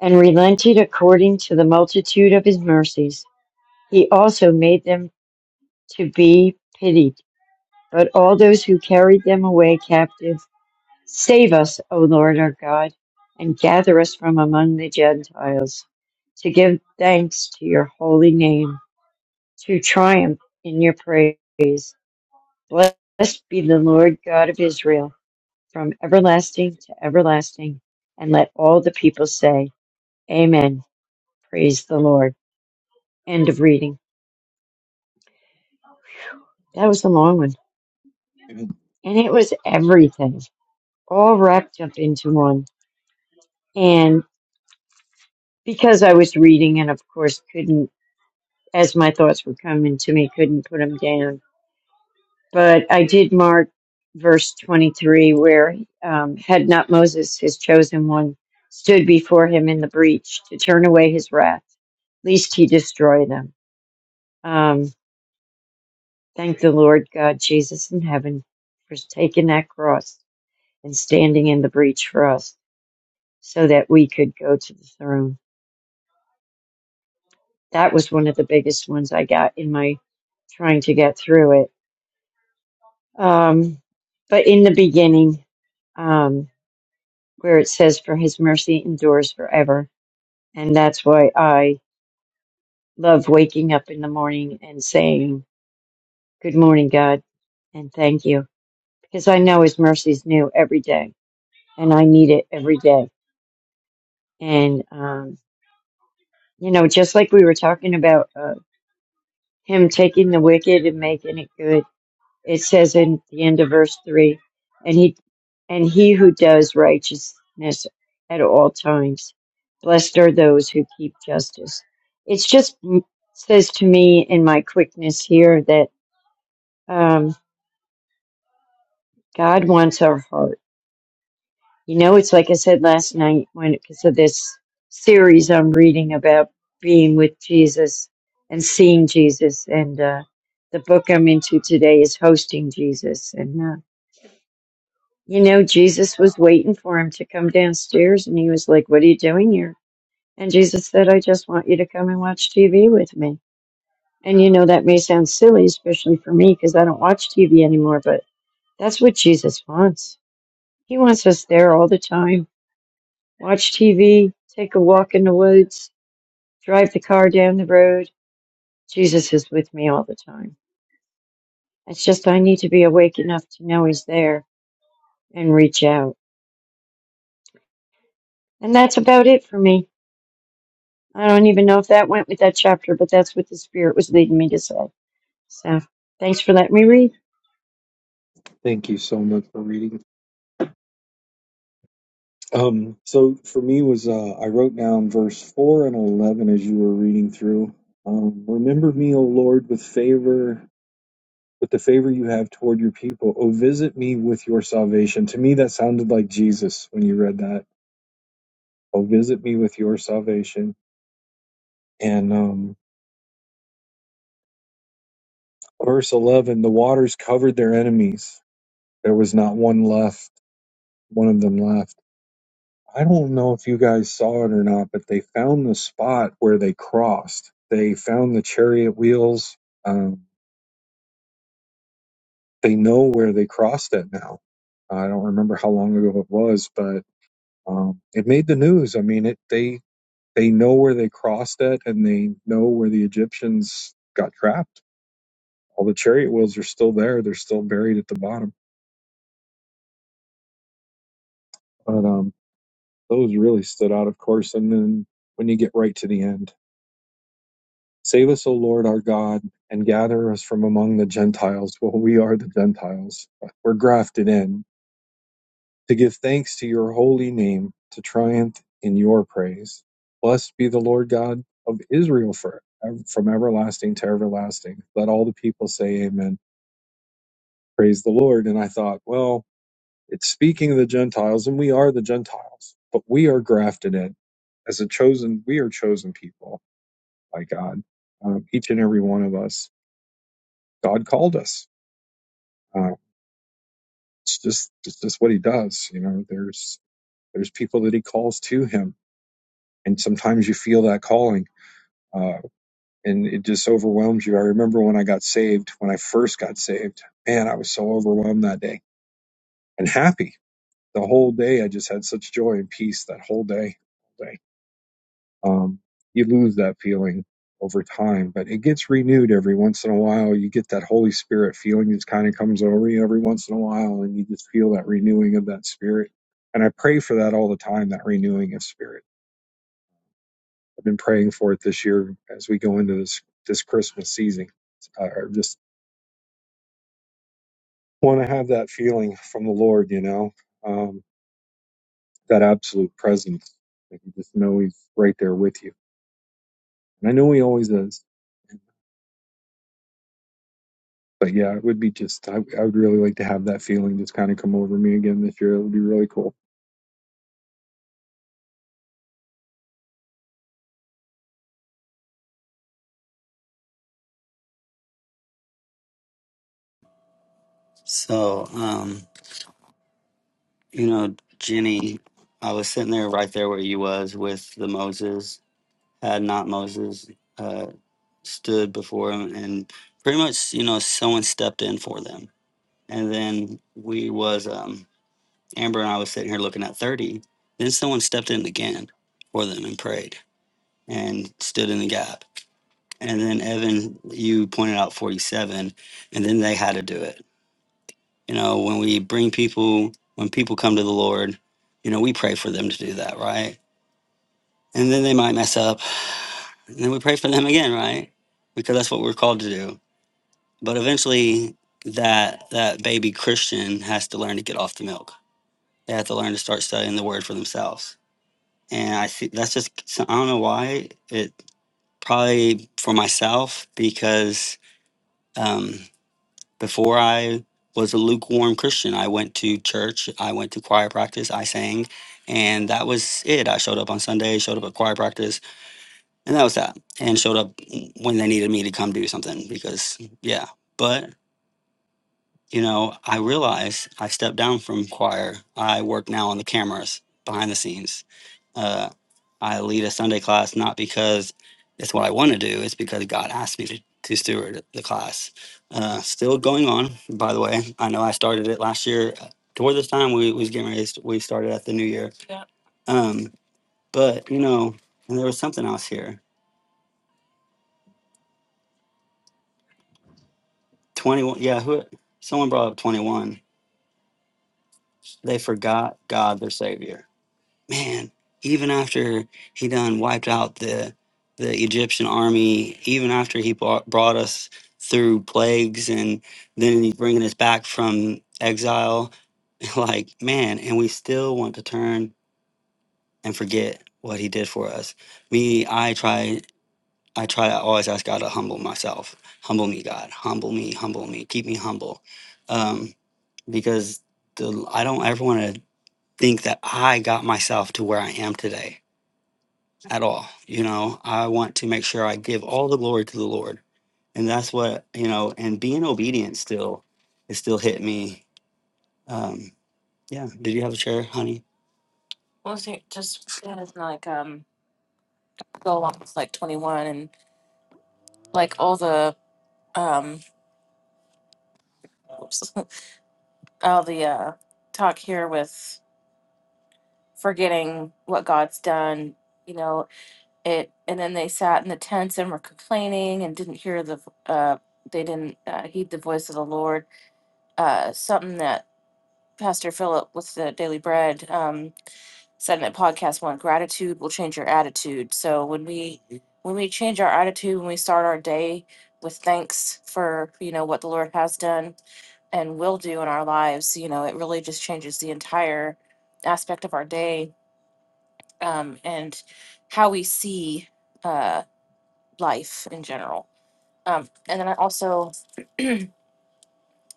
S4: and relented according to the multitude of his mercies. He also made them to be pitied, but all those who carried them away captive Save us, O Lord our God, and gather us from among the Gentiles to give thanks to your holy name, to triumph in your praise. Blessed be the Lord God of Israel from everlasting to everlasting. And let all the people say, Amen. Praise the Lord. End of reading. That was a long one. And it was everything, all wrapped up into one. And because I was reading and, of course, couldn't as my thoughts were coming to me, couldn't put them down. But I did mark verse 23 where um, had not Moses, his chosen one, stood before him in the breach to turn away his wrath, lest he destroy them. Um, thank the Lord God, Jesus in heaven, for taking that cross and standing in the breach for us so that we could go to the throne. That was one of the biggest ones I got in my trying to get through it Um, but in the beginning, um, where it says, For his mercy endures forever. And that's why I love waking up in the morning and saying, Good morning, God, and thank you. Because I know his mercy is new every day, and I need it every day. And, um, you know, just like we were talking about uh, him taking the wicked and making it good, It says in the end of verse three, and he and he who does righteousness at all times, blessed are those who keep justice. It's just m- says to me in my quickness here that um, God wants our heart. You know, it's like I said last night when because of this series I'm reading about being with Jesus and seeing Jesus, and uh, the book I'm into today is hosting Jesus, and. Uh, You know, Jesus was waiting for him to come downstairs and he was like, What are you doing here? And Jesus said, I just want you to come and watch TV with me. And you know, that may sound silly, especially for me, because I don't watch TV anymore, but that's what Jesus wants. He wants us there all the time. Watch TV, take a walk in the woods, drive the car down the road. Jesus is with me all the time. It's just I need to be awake enough to know he's there and reach out. And that's about it for me. I don't even know if that went with that chapter, but that's what the Spirit was leading me to say. So thanks for letting me read.
S1: Thank you so much for reading. Um, so for me was uh, I wrote down verse four and eleven as you were reading through. Um, Remember me, O Lord, with favor, with the favor you have toward your people. Oh, visit me with your salvation. To me, that sounded like Jesus when you read that. Oh, visit me with your salvation. And um, verse eleven, the waters covered their enemies. There was not one left. One of them left. I don't know if you guys saw it or not, but they found the spot where they crossed. They found the chariot wheels. Um, they know where they crossed it now. I don't remember how long ago it was, but um, it made the news. I mean, it they they know where they crossed it, and they know where the Egyptians got trapped. All the chariot wheels are still there. They're still buried at the bottom. But um, those really stood out, of course. And then when you get right to the end. Save us, O Lord our God, and gather us from among the Gentiles. Well, we are the Gentiles. We're grafted in to give thanks to your holy name, to triumph in your praise. Blessed be the Lord God of Israel for, from everlasting to everlasting. Let all the people say amen. Praise the Lord. And I thought, well, it's speaking of the Gentiles, and we are the Gentiles, but we are grafted in as a chosen, we are chosen people by God, um, each and every one of us. God called us Uh, it's just it's just what he does. You know, there's there's people that he calls to him, and sometimes you feel that calling, uh, and it just overwhelms you. I remember when I got saved, when I first got saved, man, I was so overwhelmed that day and happy the whole day. I just had such joy and peace that whole day. um, you lose that feeling over time, but it gets renewed every once in a while. You get that Holy Spirit feeling that kind of comes over you every once in a while, and you just feel that renewing of that spirit. And I pray for that all the time, that renewing of spirit. I've been praying for it this year as we go into this this Christmas season. I I just want to have that feeling from the Lord, you know, um, that absolute presence. That you just know He's right there with you, and I know He always is But yeah, it would be just, I, I would really like to have that feeling just kind of come over me again this year. It would be really cool.
S2: So, um, you know, Jenny, I was sitting there right there where you was with the Moses. Had not Moses uh, stood before him, and pretty much, you know, someone stepped in for them, and then we was um, Amber and I was sitting here looking at 30. Then someone stepped in again for them and prayed and stood in the gap. And then Evan, you pointed out 47, and then they had to do it. You know, when we bring people, when people come to the Lord, you know, we pray for them to do that, right? And then they might mess up. And then we pray for them again, right? Because that's what we're called to do. But eventually that that baby Christian has to learn to get off the milk. They have to learn to start studying the word for themselves and I see that's just so I don't know why it probably for myself because um, before I was a lukewarm Christian, I went to church, I went to choir practice, I sang, and that was it. I showed up on Sunday, showed up at choir practice, and that was that. And showed up when they needed me to come do something because yeah. but. you know, I realized I stepped down from choir. I work now on the cameras behind the scenes. Uh, I lead a Sunday class not because it's what I want to do, it's because God asked me to, to steward the class. Uh, still going on, by the way. I know I started it last year. Toward this time, we was getting ready. to st- We started at the new year. Yeah. Um, but you know, and there was something else here. Twenty one. Yeah, who? Someone brought up twenty one. They forgot God, their Savior man, even after he done wiped out the the Egyptian army, even after he brought, brought us through plagues, and then he's bringing us back from exile, like man, and we still want to turn and forget what he did for us. Me, I try. I try to always ask God to humble myself. Humble me, God. Humble me. Humble me. Keep me humble, um, because the, I don't ever want to think that I got myself to where I am today at all. You know, I want to make sure I give all the glory to the Lord. And that's what, you know, and being obedient still, it still hit me. Um, yeah. Did you have a share, honey? Well, see, just yeah, it's like um, go along with like twenty one and like all the um, oops, all the uh, talk here with forgetting what God's done. You know it, and then they sat in the tents and were complaining and didn't hear the. Uh, they didn't uh, heed the voice of the Lord uh, something that Pastor Philip with the Daily Bread um, said in a podcast one: gratitude will change your attitude. So when we when we change our attitude, when we start our day with thanks for you know what the Lord has done and will do in our lives, you know, it really just changes the entire aspect of our day um, and how we see uh, life in general. Um, and then I also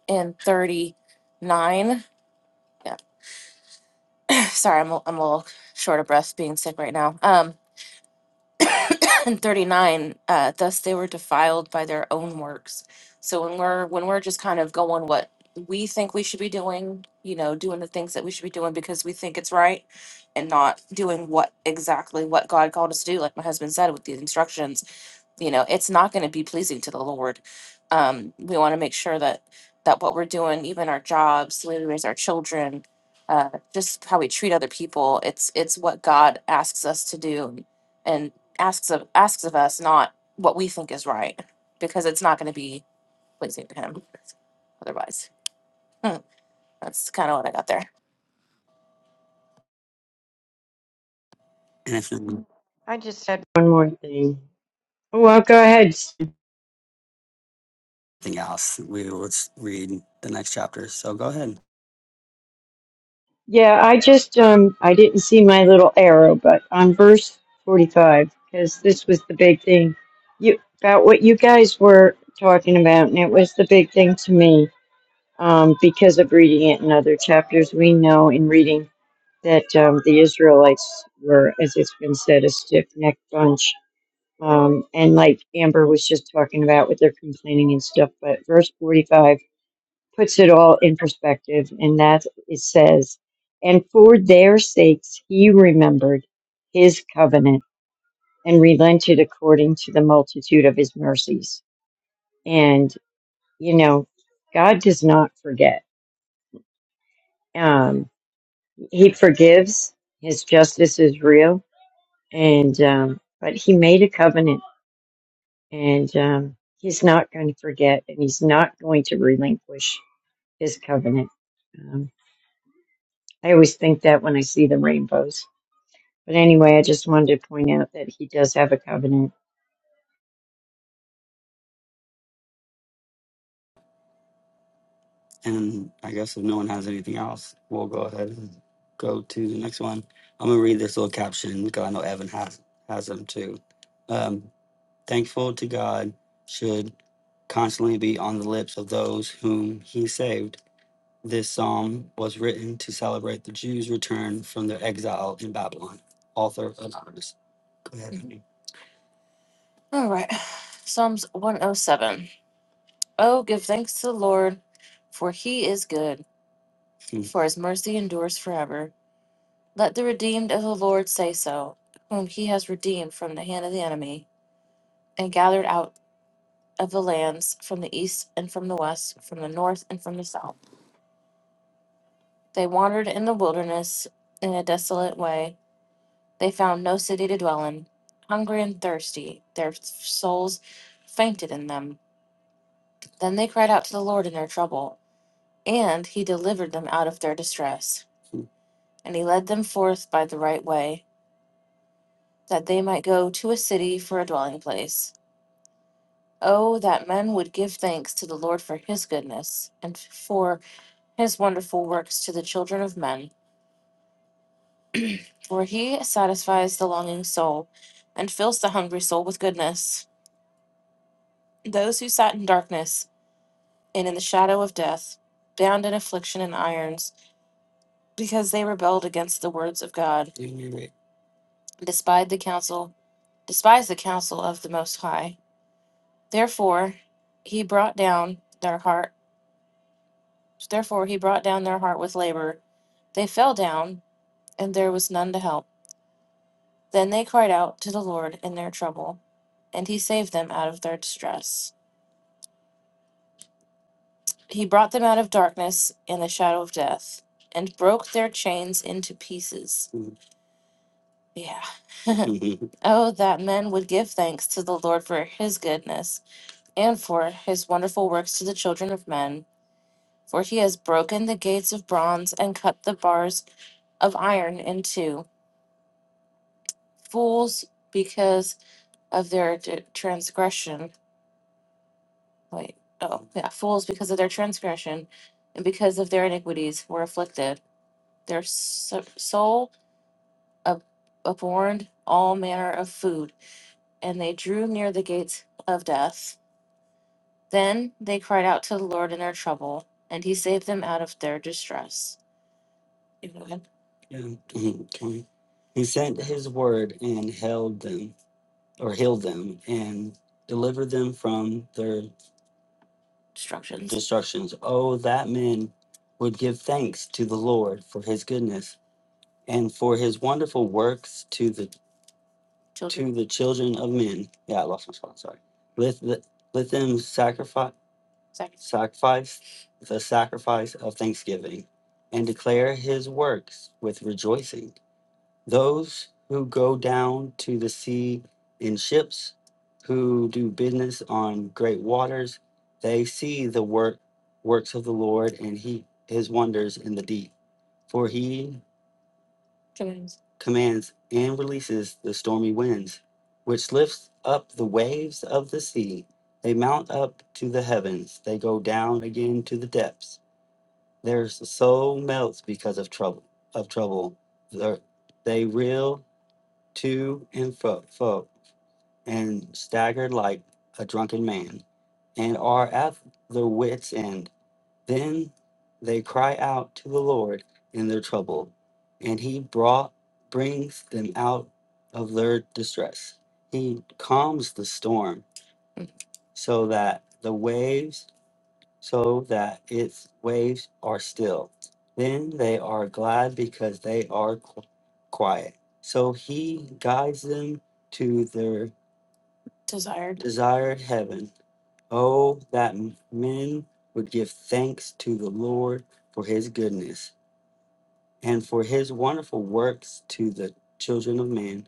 S2: in 39. yeah, sorry, I'm a, I'm a little short of breath being sick right now. Um, and 39, uh, thus they were defiled by their own works. So when we're when we're just kind of going what we think we should be doing, you know, doing the things that we should be doing because we think it's right and not doing what exactly what God called us to do, like my husband said with these instructions you know it's not going to be pleasing to the lord um we want to make sure that that what we're doing even our jobs the way we raise our children uh just how we treat other people it's it's what god asks us to do and, and asks of asks of us not what we think is right because it's not going to be pleasing to him otherwise Hmm, that's kind of what i got there And if nothing
S4: I just had one more thing. Well, go ahead.
S2: else, we will s- read the next chapter. So go ahead.
S4: Yeah, I just um I didn't see my little arrow, but on verse forty-five, because this was the big thing. You about what you guys were talking about, and it was the big thing to me. Um, because of reading it in other chapters, we know in reading that um, the Israelites were, as it's been said, a stiff-necked bunch Um, and like Amber was just talking about with their complaining and stuff, but verse 45 puts it all in perspective, and that it says, And for their sakes he remembered his covenant and relented according to the multitude of his mercies. And, you know, God does not forget. Um, he forgives, his justice is real, and, um, but he made a covenant and um, he's not going to forget and he's not going to relinquish his covenant um, i always think that when i see the rainbows but anyway i just wanted to point out that he does have a covenant
S2: And I guess if no one has anything else, we'll go ahead and go to the next one. I'm gonna read this little caption because I know Evan has has them too. Um, Thankful to God should constantly be on the lips of those whom He saved. This psalm was written to celebrate the Jews' return from their exile in Babylon. Author anonymous. Go ahead, Andy. All right. Psalms 107. Oh, seven. Oh, give thanks to the Lord, for he is good. For his mercy endures forever. Let the redeemed of the Lord say so, whom he has redeemed from the hand of the enemy, and gathered out of the lands from the east and from the west, from the north and from the south. They wandered in the wilderness in a desolate way. They found no city to dwell in. Hungry and thirsty, their souls fainted in them. Then they cried out to the Lord in their trouble, and he delivered them out of their distress. And he led them forth by the right way that they might go to a city for a dwelling place. Oh, that men would give thanks to the Lord for his goodness, and for his wonderful works to the children of men. For he satisfies the longing soul, and fills the hungry soul with goodness. Those who sat in darkness and in the shadow of death, bound in affliction and irons, because they rebelled against the words of God despised the counsel, despised the counsel of the Most High. Therefore, he brought down their heart Therefore he brought down their heart with labor. They fell down, and there was none to help. Then they cried out to the Lord in their trouble, and he saved them out of their distress. He brought them out of darkness and the shadow of death, and broke their chains into pieces. Mhm. Yeah. oh, that men would give thanks to the Lord for his goodness, and for his wonderful works to the children of men. For he has broken the gates of bronze and cut the bars of iron in two. fools because of their d- transgression. Wait, oh, yeah, fools because of their transgression and because of their iniquities were afflicted. Their so- soul ab- abhorred all manner of food, and they drew near the gates of death. Then they cried out to the Lord in their trouble, and he saved them out of their distress. You go ahead. Yeah. Okay. He sent his word and held them or heal them and deliver them from their Instructions. destructions. Oh, that men would give thanks to the Lord for his goodness and for his wonderful works to the Children. to the children of men. Yeah, I lost my spot. Sorry. Let let, let them sacrifice Second. sacrifice the sacrifice of thanksgiving and declare his works with rejoicing. those who go down to the sea in ships, who do business on great waters, they see the work works of the Lord and he his wonders in the deep. For he Commands. commands and releases the stormy winds, which lifts up the waves of the sea. They mount up to the heavens, they go down again to the depths. Their soul melts because of trouble of trouble. Their- They reel to and fro, fro, and staggered like a drunken man, and are at their wits' end. Then they cry out to the Lord in their trouble, and He brought brings them out of their distress. He calms the storm so that the waves so that its waves are still. Then they are glad because they are qu- quiet. So he guides them to their desired desired heaven. Oh, that m- men would give thanks to the Lord for his goodness and for his wonderful works to the children of man.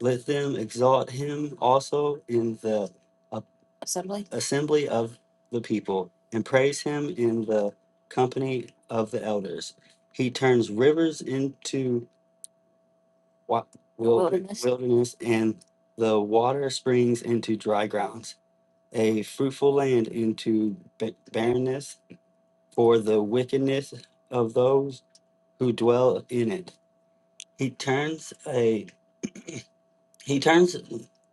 S2: Let them exalt him also in the a- assembly assembly of the people, and praise him in the company of the elders. He turns rivers into wa- wil- wilderness. wilderness, and the water springs into dry grounds, a fruitful land into ba- barrenness for the wickedness of those who dwell in it. He turns a He turns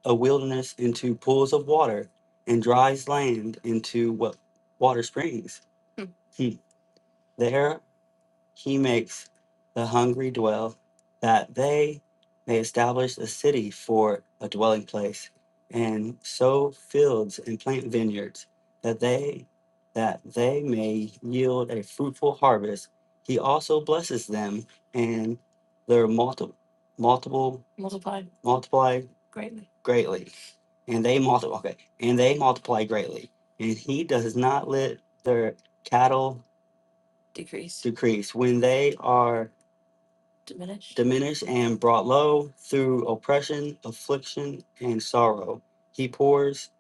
S2: a wilderness into pools of water and dries land into what water springs. Hmm. There he makes the hungry dwell, that they may establish a city for a dwelling place, and sow fields and plant vineyards, that they that they may yield a fruitful harvest. He also blesses them and their multi, multiple multiplied multiplied greatly greatly, and they multiply okay, and they multiply greatly. And he does not let their cattle decrease, decrease when they are diminished, diminished and brought low through oppression, affliction, and sorrow. He pours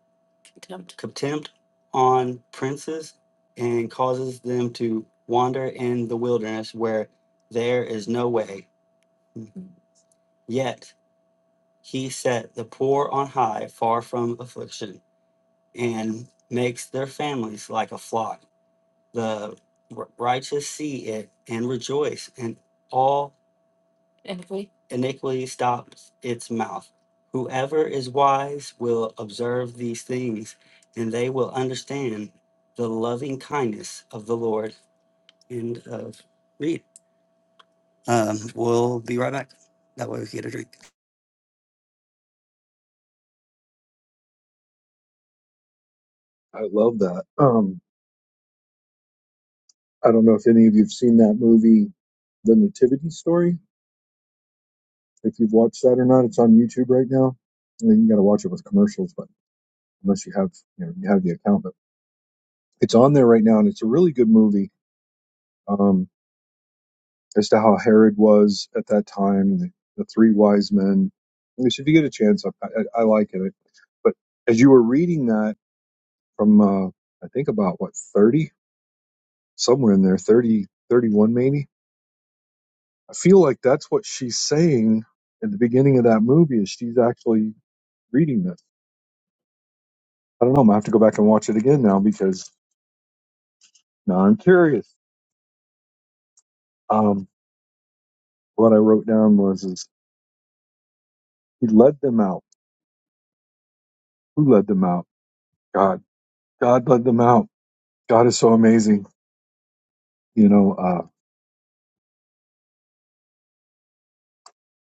S2: contempt. contempt on princes and causes them to wander in the wilderness where there is no way. Mm-hmm. Yet he set the poor on high, far from affliction, and makes their families like a flock. The righteous see it and rejoice, and all Iniquity. Iniquity stops its mouth. Whoever is wise will observe these things, and they will understand the loving kindness of the Lord. End of read. Um, we'll be right back. That way we get a drink.
S1: I love that. Um, I don't know if any of you have seen that movie, The Nativity Story. If you've watched that or not, it's on YouTube right now. I mean, you got to watch it with commercials, but unless you have, you know, you have the account, but it's on there right now, and it's a really good movie um, as to how Herod was at that time, the, the three wise men. At least if you get a chance, I, I, I like it. But as you were reading that. from uh, I think about what 30 somewhere in there 30 31 maybe I feel like that's what she's saying at the beginning of that movie is she's actually reading this I don't know I'm gonna have to go back and watch it again now because now I'm curious um what I wrote down was is he led them out who led them out God God led them out God is so amazing you know uh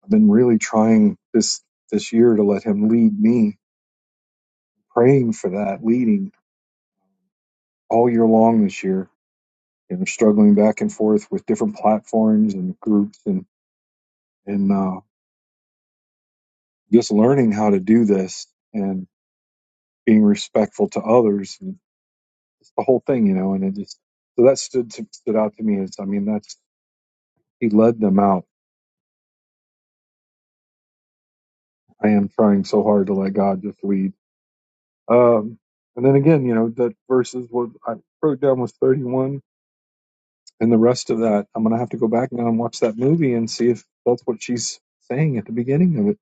S1: I've been really trying this this year to let him lead me praying for that leading all year long this year you know, struggling back and forth with different platforms and groups and, and uh, just learning how to do this and being respectful to others and it's the whole thing, you know, and it just, so that stood, to, stood out to me is, I mean, that's, he led them out. I am trying so hard to let God just lead. Um, and then again, you know, that verses what I wrote down was 31 and the rest of that, I'm going to have to go back now and watch that movie and see if that's what she's saying at the beginning of it.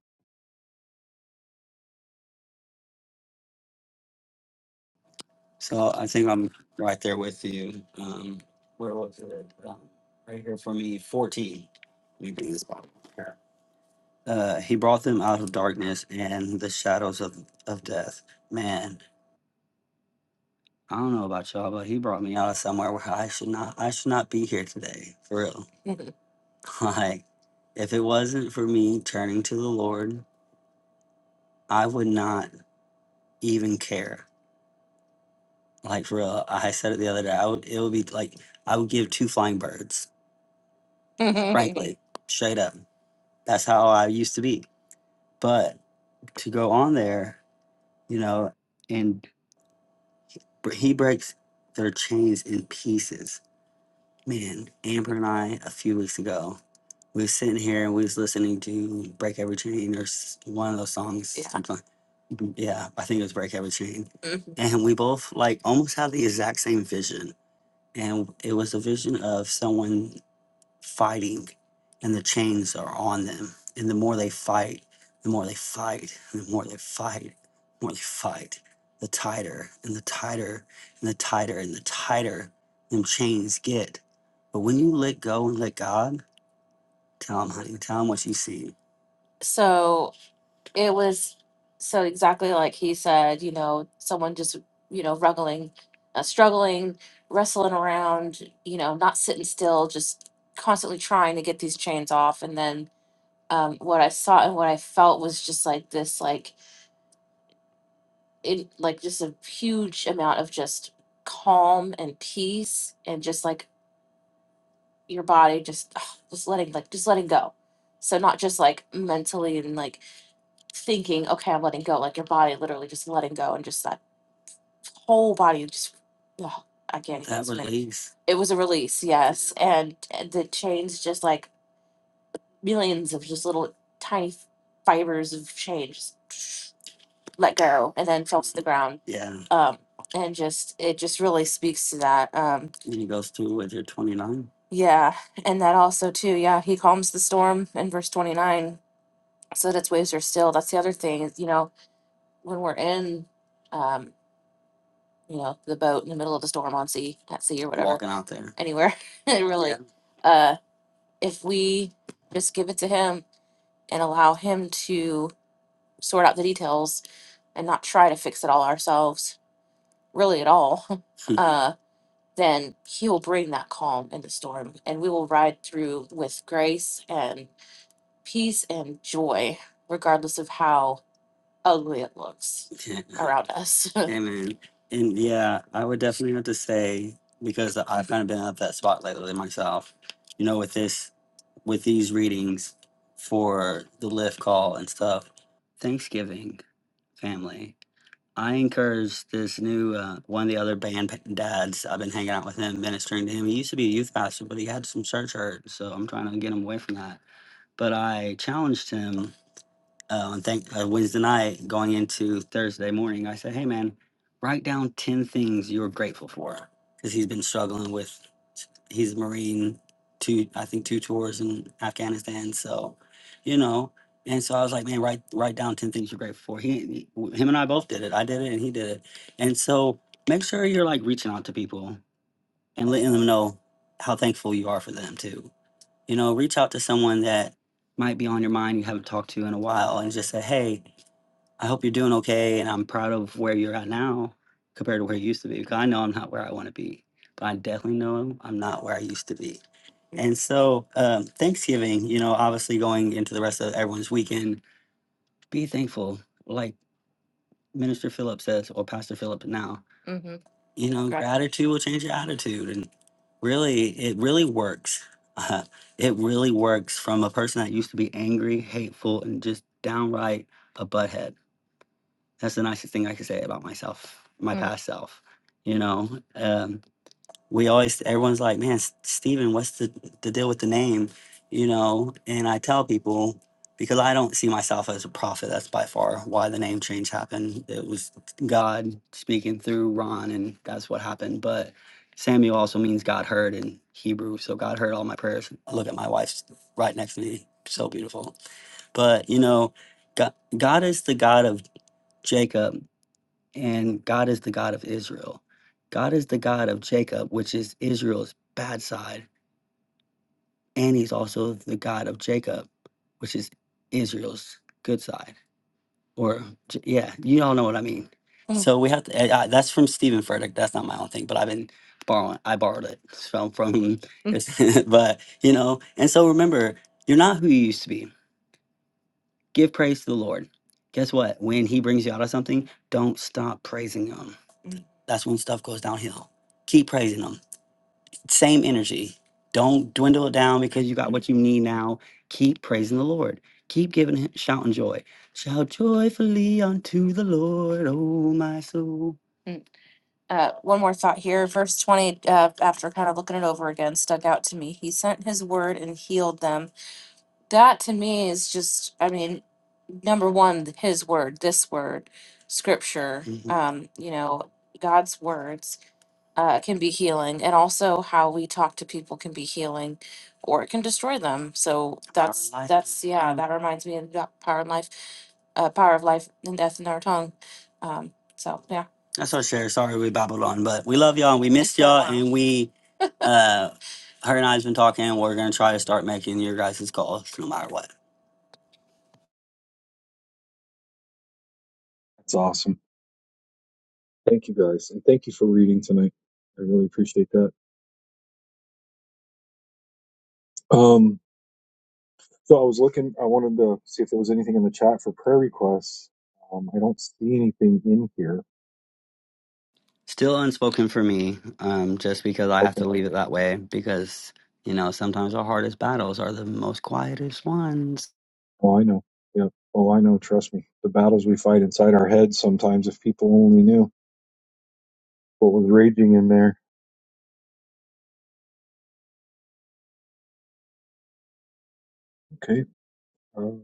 S2: So I think I'm right there with you. Um, where was it? Um, right here for me, 14. Let me bring this Bible here. Uh, he brought them out of darkness and the shadows of, of death. Man, I don't know about y'all, but he brought me out of somewhere where I should not I should not be here today. For real. Mhm. Like, if it wasn't for me turning to the Lord, I would not even care. Like for real. I said it the other day. I would it would be like I would give two flying birds. frankly. Straight up. That's how I used to be. But to go on there, you know, and br- he breaks their chains in pieces man, Amber and I a few weeks ago, we were sitting here and we was listening to Break Every Chain or s- one of those songs. Yeah. something like- yeah, I think it was Break Every Chain. Mhm. And we both like almost had the exact same vision. And it was a vision of someone fighting and the chains are on them. And the more they fight, the more they fight, and the more they fight, the more they fight, the tighter and the tighter and the tighter and the tighter them chains get. But when you let go and let God, tell him, honey, tell him what you see. So it was so exactly like he said you know someone just you know ruggling uh, struggling wrestling around you know not sitting still just constantly trying to get these chains off and then um, what i saw and what i felt was just like this like it like just a huge amount of just calm and peace and just like your body just ah, just letting like just letting go so not just like mentally and like thinking, okay, I'm letting go. Like your body literally just letting go and just that whole body just oh, I can't even That explain. release. It was a release, yes, and and the chains just like millions of just little tiny fibers of chain just let go and then fell to the ground. Yeah. Um, and just it just really speaks to that. Um, And he goes through with your 29. yeah, and that also too. Yeah, he calms the storm in verse twenty nine, so that its waves are still. That's the other thing is you know when we're in. um. you know, the boat in the middle of a storm on sea, at sea or whatever, walking out there. anywhere, really. Yeah. Uh, if we just give it to him and allow him to sort out the details and not try to fix it all ourselves, really at all, uh, then he will bring that calm in the storm and we will ride through with grace and peace and joy, regardless of how ugly it looks around us. Amen. And yeah, I would definitely have to say because I've kind of been at that spot lately myself. You know, with this, with these readings for the lift call and stuff. Thanksgiving family. I encourage this new uh, one of the other band pa- dads. I've been hanging out with him, ministering to him. He used to be a youth pastor, but he had some church hurt, so I'm trying to get him away from that. But I challenged him uh, on thank uh, Wednesday night going into Thursday morning, I said, "Hey, man, write down ten things you're grateful for," because he's been struggling with he's a Marine, two I think two tours in Afghanistan, so you know. And so I was like, "Man, write write down ten things you're grateful for." He, he him and I both did it. I did it, and he did it. And so make sure you're like reaching out to people and letting them know how thankful you are for them too. You know, reach out to someone that might be on your mind you haven't talked to in a while, and just say, "Hey." I hope you're doing okay, and I'm proud of where you're at now compared to where you used to be. Because I know I'm not where I want to be, but I definitely know I'm not where I used to be. And so, um, Thanksgiving, you know, obviously going into the rest of everyone's weekend, be thankful, like Minister Philip says, or Pastor Philip now. Mm-hmm. You know, Right. gratitude will change your attitude, and really, it really works. Uh, it really works from a person that used to be angry, hateful, and just downright a butthead that's the nicest thing I could say about myself, my Mm. past self. You know, um, we always, everyone's like, man, S- Steven, what's the, the deal with the name? You know, and I tell people, because I don't see myself as a prophet. That's by far why the name change happened. It was God speaking through Ron, and that's what happened. But Samuel also means God heard in Hebrew. So God heard all my prayers. look at my wife right next to me. So beautiful. But, you know, God, God is the God of Jacob and God is the God of Israel. God is the God of Jacob, which is Israel's bad side, and he's also the God of Jacob, which is Israel's good side. Or J- yeah, you all know what I mean. Mm. So we have to. I, I- that's from Stephen Furtick. That's not my own thing, but I've been borrowing. I borrowed it from from. Mm. his- but you know, and so remember, you're not who you used to be. Give praise to the Lord. Guess what? When He brings you out of something, don't stop praising Him. That's when stuff goes downhill. Keep praising Him. Same energy. Don't dwindle it down because you got what you need now. Keep praising the Lord. Keep giving Him, shouting joy. Shout joyfully unto the Lord, O my soul. Mm. Uh, one more thought here. Verse 20, uh, after kind of looking it over again, stuck out to me. He sent his word and healed them that to me is just i mean number one his word this word scripture Mhm. um you know god's words uh, can be healing, and also how we talk to people can be healing, or it can destroy them. So Power of that's life. that's yeah, Mm. that reminds me of the power and life, uh, power of life and death in our tongue. Um, so yeah, That's our share. Sorry we babbled on, but we love y'all and we it's missed been a y'all while. and we uh her and I's been talking. We're gonna try to start making your guys' calls no matter what.
S1: That's awesome. Thank you guys, and thank you for reading tonight. I really appreciate that. Um, so I was looking. I wanted to see if there was anything in the chat for prayer requests. Um, I don't see anything in here.
S2: Still unspoken for me, um, just because I have
S1: Okay.
S2: to leave it that way because you know, sometimes our hardest battles are the most quietest ones.
S1: Oh, I know. Yeah. Oh, I know. Trust me. The battles we fight inside our heads sometimes. If people only knew what was raging in there. Okay. Um,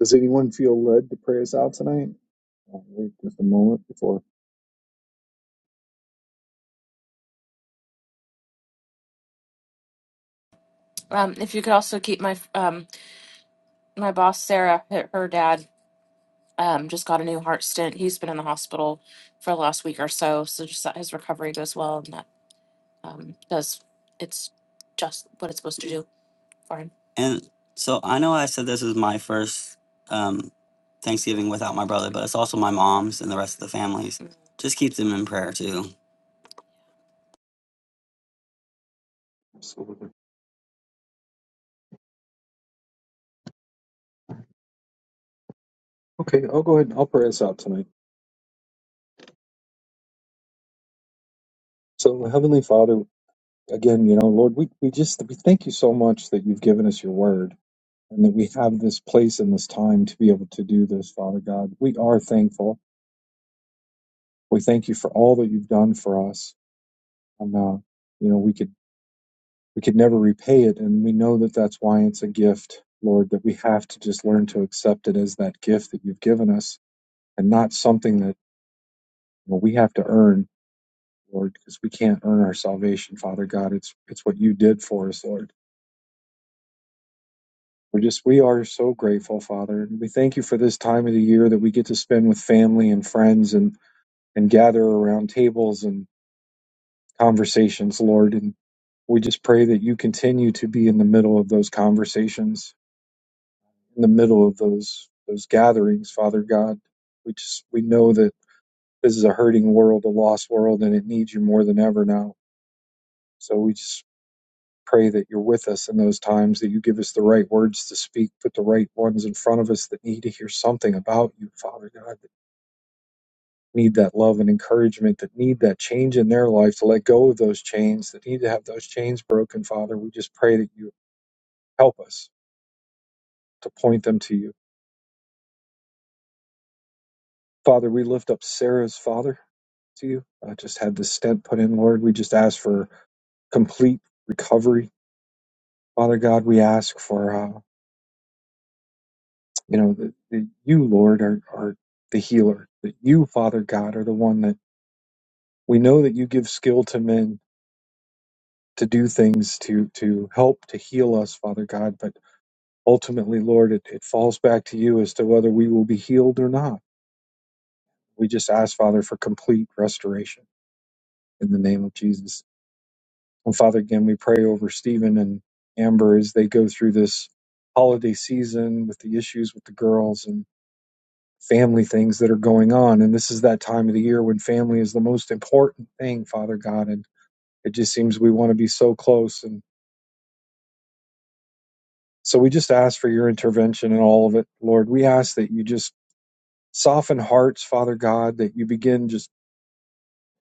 S1: does anyone feel led to pray us out tonight? I'll wait just a moment before.
S2: Um, if you could also keep my um my boss Sarah, her her dad um just got a new heart stent. He's been in the hospital for the last week or so, so just that his recovery goes well and that um does it's just what it's supposed to do for him. And so I know I said this is my first um, Thanksgiving without my brother, but it's also my mom's and the rest of the families. Mm. Just keep them in prayer too.
S1: Absolutely. Okay, I'll go ahead and I'll pray us out tonight. So, Heavenly Father, again, you know, Lord, we, we just we thank you so much that you've given us your word and that we have this place and this time to be able to do this, Father God. We are thankful. We thank you for all that you've done for us. And uh, you know, we could we could never repay it, and we know that that's why it's a gift, Lord, that we have to just learn to accept it as that gift that you've given us and not something that you know, we have to earn, Lord, because we can't earn our salvation, Father God. It's it's what you did for us, Lord. We're just, we are so grateful, Father. we thank you for this time of the year that we get to spend with family and friends and, and gather around tables and conversations, Lord. And we just pray that you continue to be in the middle of those conversations, in the middle of those, those gatherings, Father God. We just, we know that this is a hurting world, a lost world, and it needs you more than ever now. So we just pray that you're with us in those times, that you give us the right words to speak, put the right ones in front of us that need to hear something about you, Father God, that need that love and encouragement, that need that change in their life, to let go of those chains, that need to have those chains broken, Father. We just pray that you help us to point them to you. Father, we lift up Sarah's father to you. I just had this stent put in, Lord. We just ask for complete recovery. Father God, we ask for. uh, You know, that that you, Lord, are, are the healer, that you, Father God, are the one that we know that you give skill to men to do things to to help to heal us, Father God. But ultimately, Lord, it, it falls back to you as to whether we will be healed or not. We just ask, Father, for complete restoration in the name of Jesus. And Father, again, we pray over Stephen and Amber as they go through this holiday season with the issues with the girls. family things that are going on. And this is that time of the year when family is the most important thing, Father God. And it just seems we want to be so close. And so we just ask for your intervention in all of it, Lord. We ask that you just soften hearts, Father God, that you begin just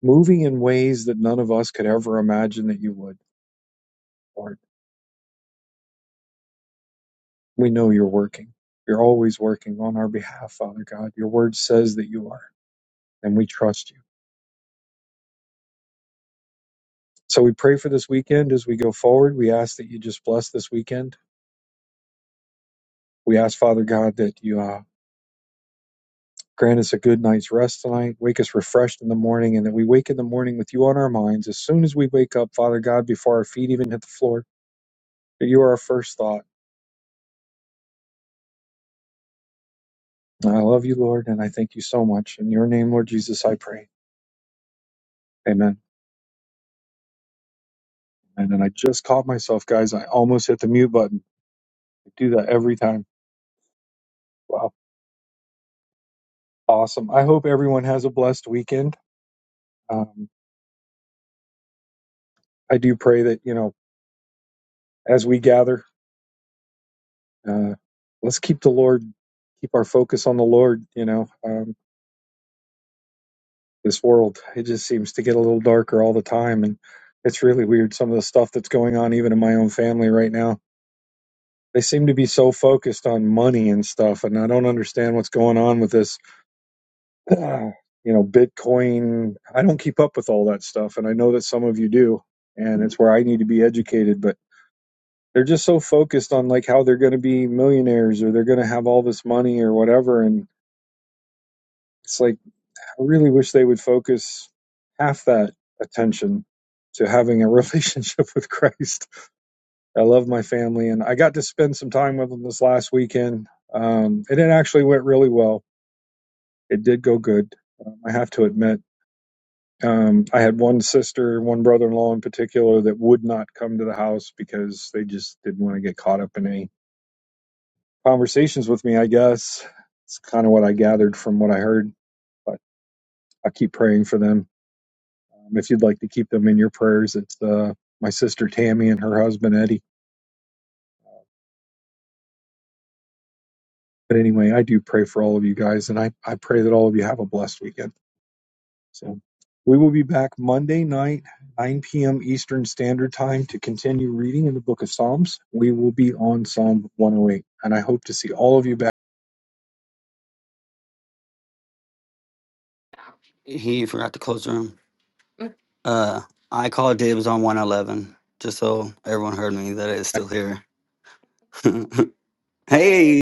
S1: moving in ways that none of us could ever imagine that you would, Lord. We know you're working. You're always working on our behalf, Father God. Your word says that you are, and we trust you. So we pray for this weekend as we go forward. We ask that you just bless this weekend We ask, Father God, that you uh, grant us a good night's rest tonight, wake us refreshed in the morning, and that we wake in the morning with you on our minds as soon as we wake up, Father God, before our feet even hit the floor, that you are our first thought. And I love you, Lord, and I thank you so much. In your name, Lord Jesus, I pray. Amen. And then I just caught myself, guys. I almost hit the mute button. I do that every time. Wow. Awesome. I hope everyone has a blessed weekend. Um, I do pray that, you know, as we gather Uh, let's keep the Lord, keep our focus on the Lord. You know, um, this world it just seems to get a little darker all the time, and it's really weird. Some of the stuff that's going on, even in my own family right now, they seem to be so focused on money and stuff, and I don't understand what's going on with this. you know, Bitcoin. I don't keep up with all that stuff, and I know that some of you do, and it's where I need to be educated, but they're just so focused on like how they're going to be millionaires or they're going to have all this money or whatever and it's like I really wish they would focus half that attention to having a relationship with Christ. I love my family, and I got to spend some time with them this last weekend, um, and it actually went really well. It did go good. Um, I have to admit, um, I had one sister, one brother-in-law in particular, that would not come to the house because they just didn't want to get caught up in any conversations with me. I guess it's kind of what I gathered from what I heard, but I keep praying for them Um, if you'd like to keep them in your prayers, it's uh, my sister Tammy and her husband Eddie. But anyway, I do pray for all of you guys, and I, I pray that all of you have a blessed weekend. So we will be back Monday night, 9 p.m. Eastern Standard Time, to continue reading in the book of Psalms. We will be on Psalm 108, and I hope to see all of you back.
S2: He forgot to close the room. Mm. Uh, I called dibs on 111 just so everyone heard me that it's still here. hey,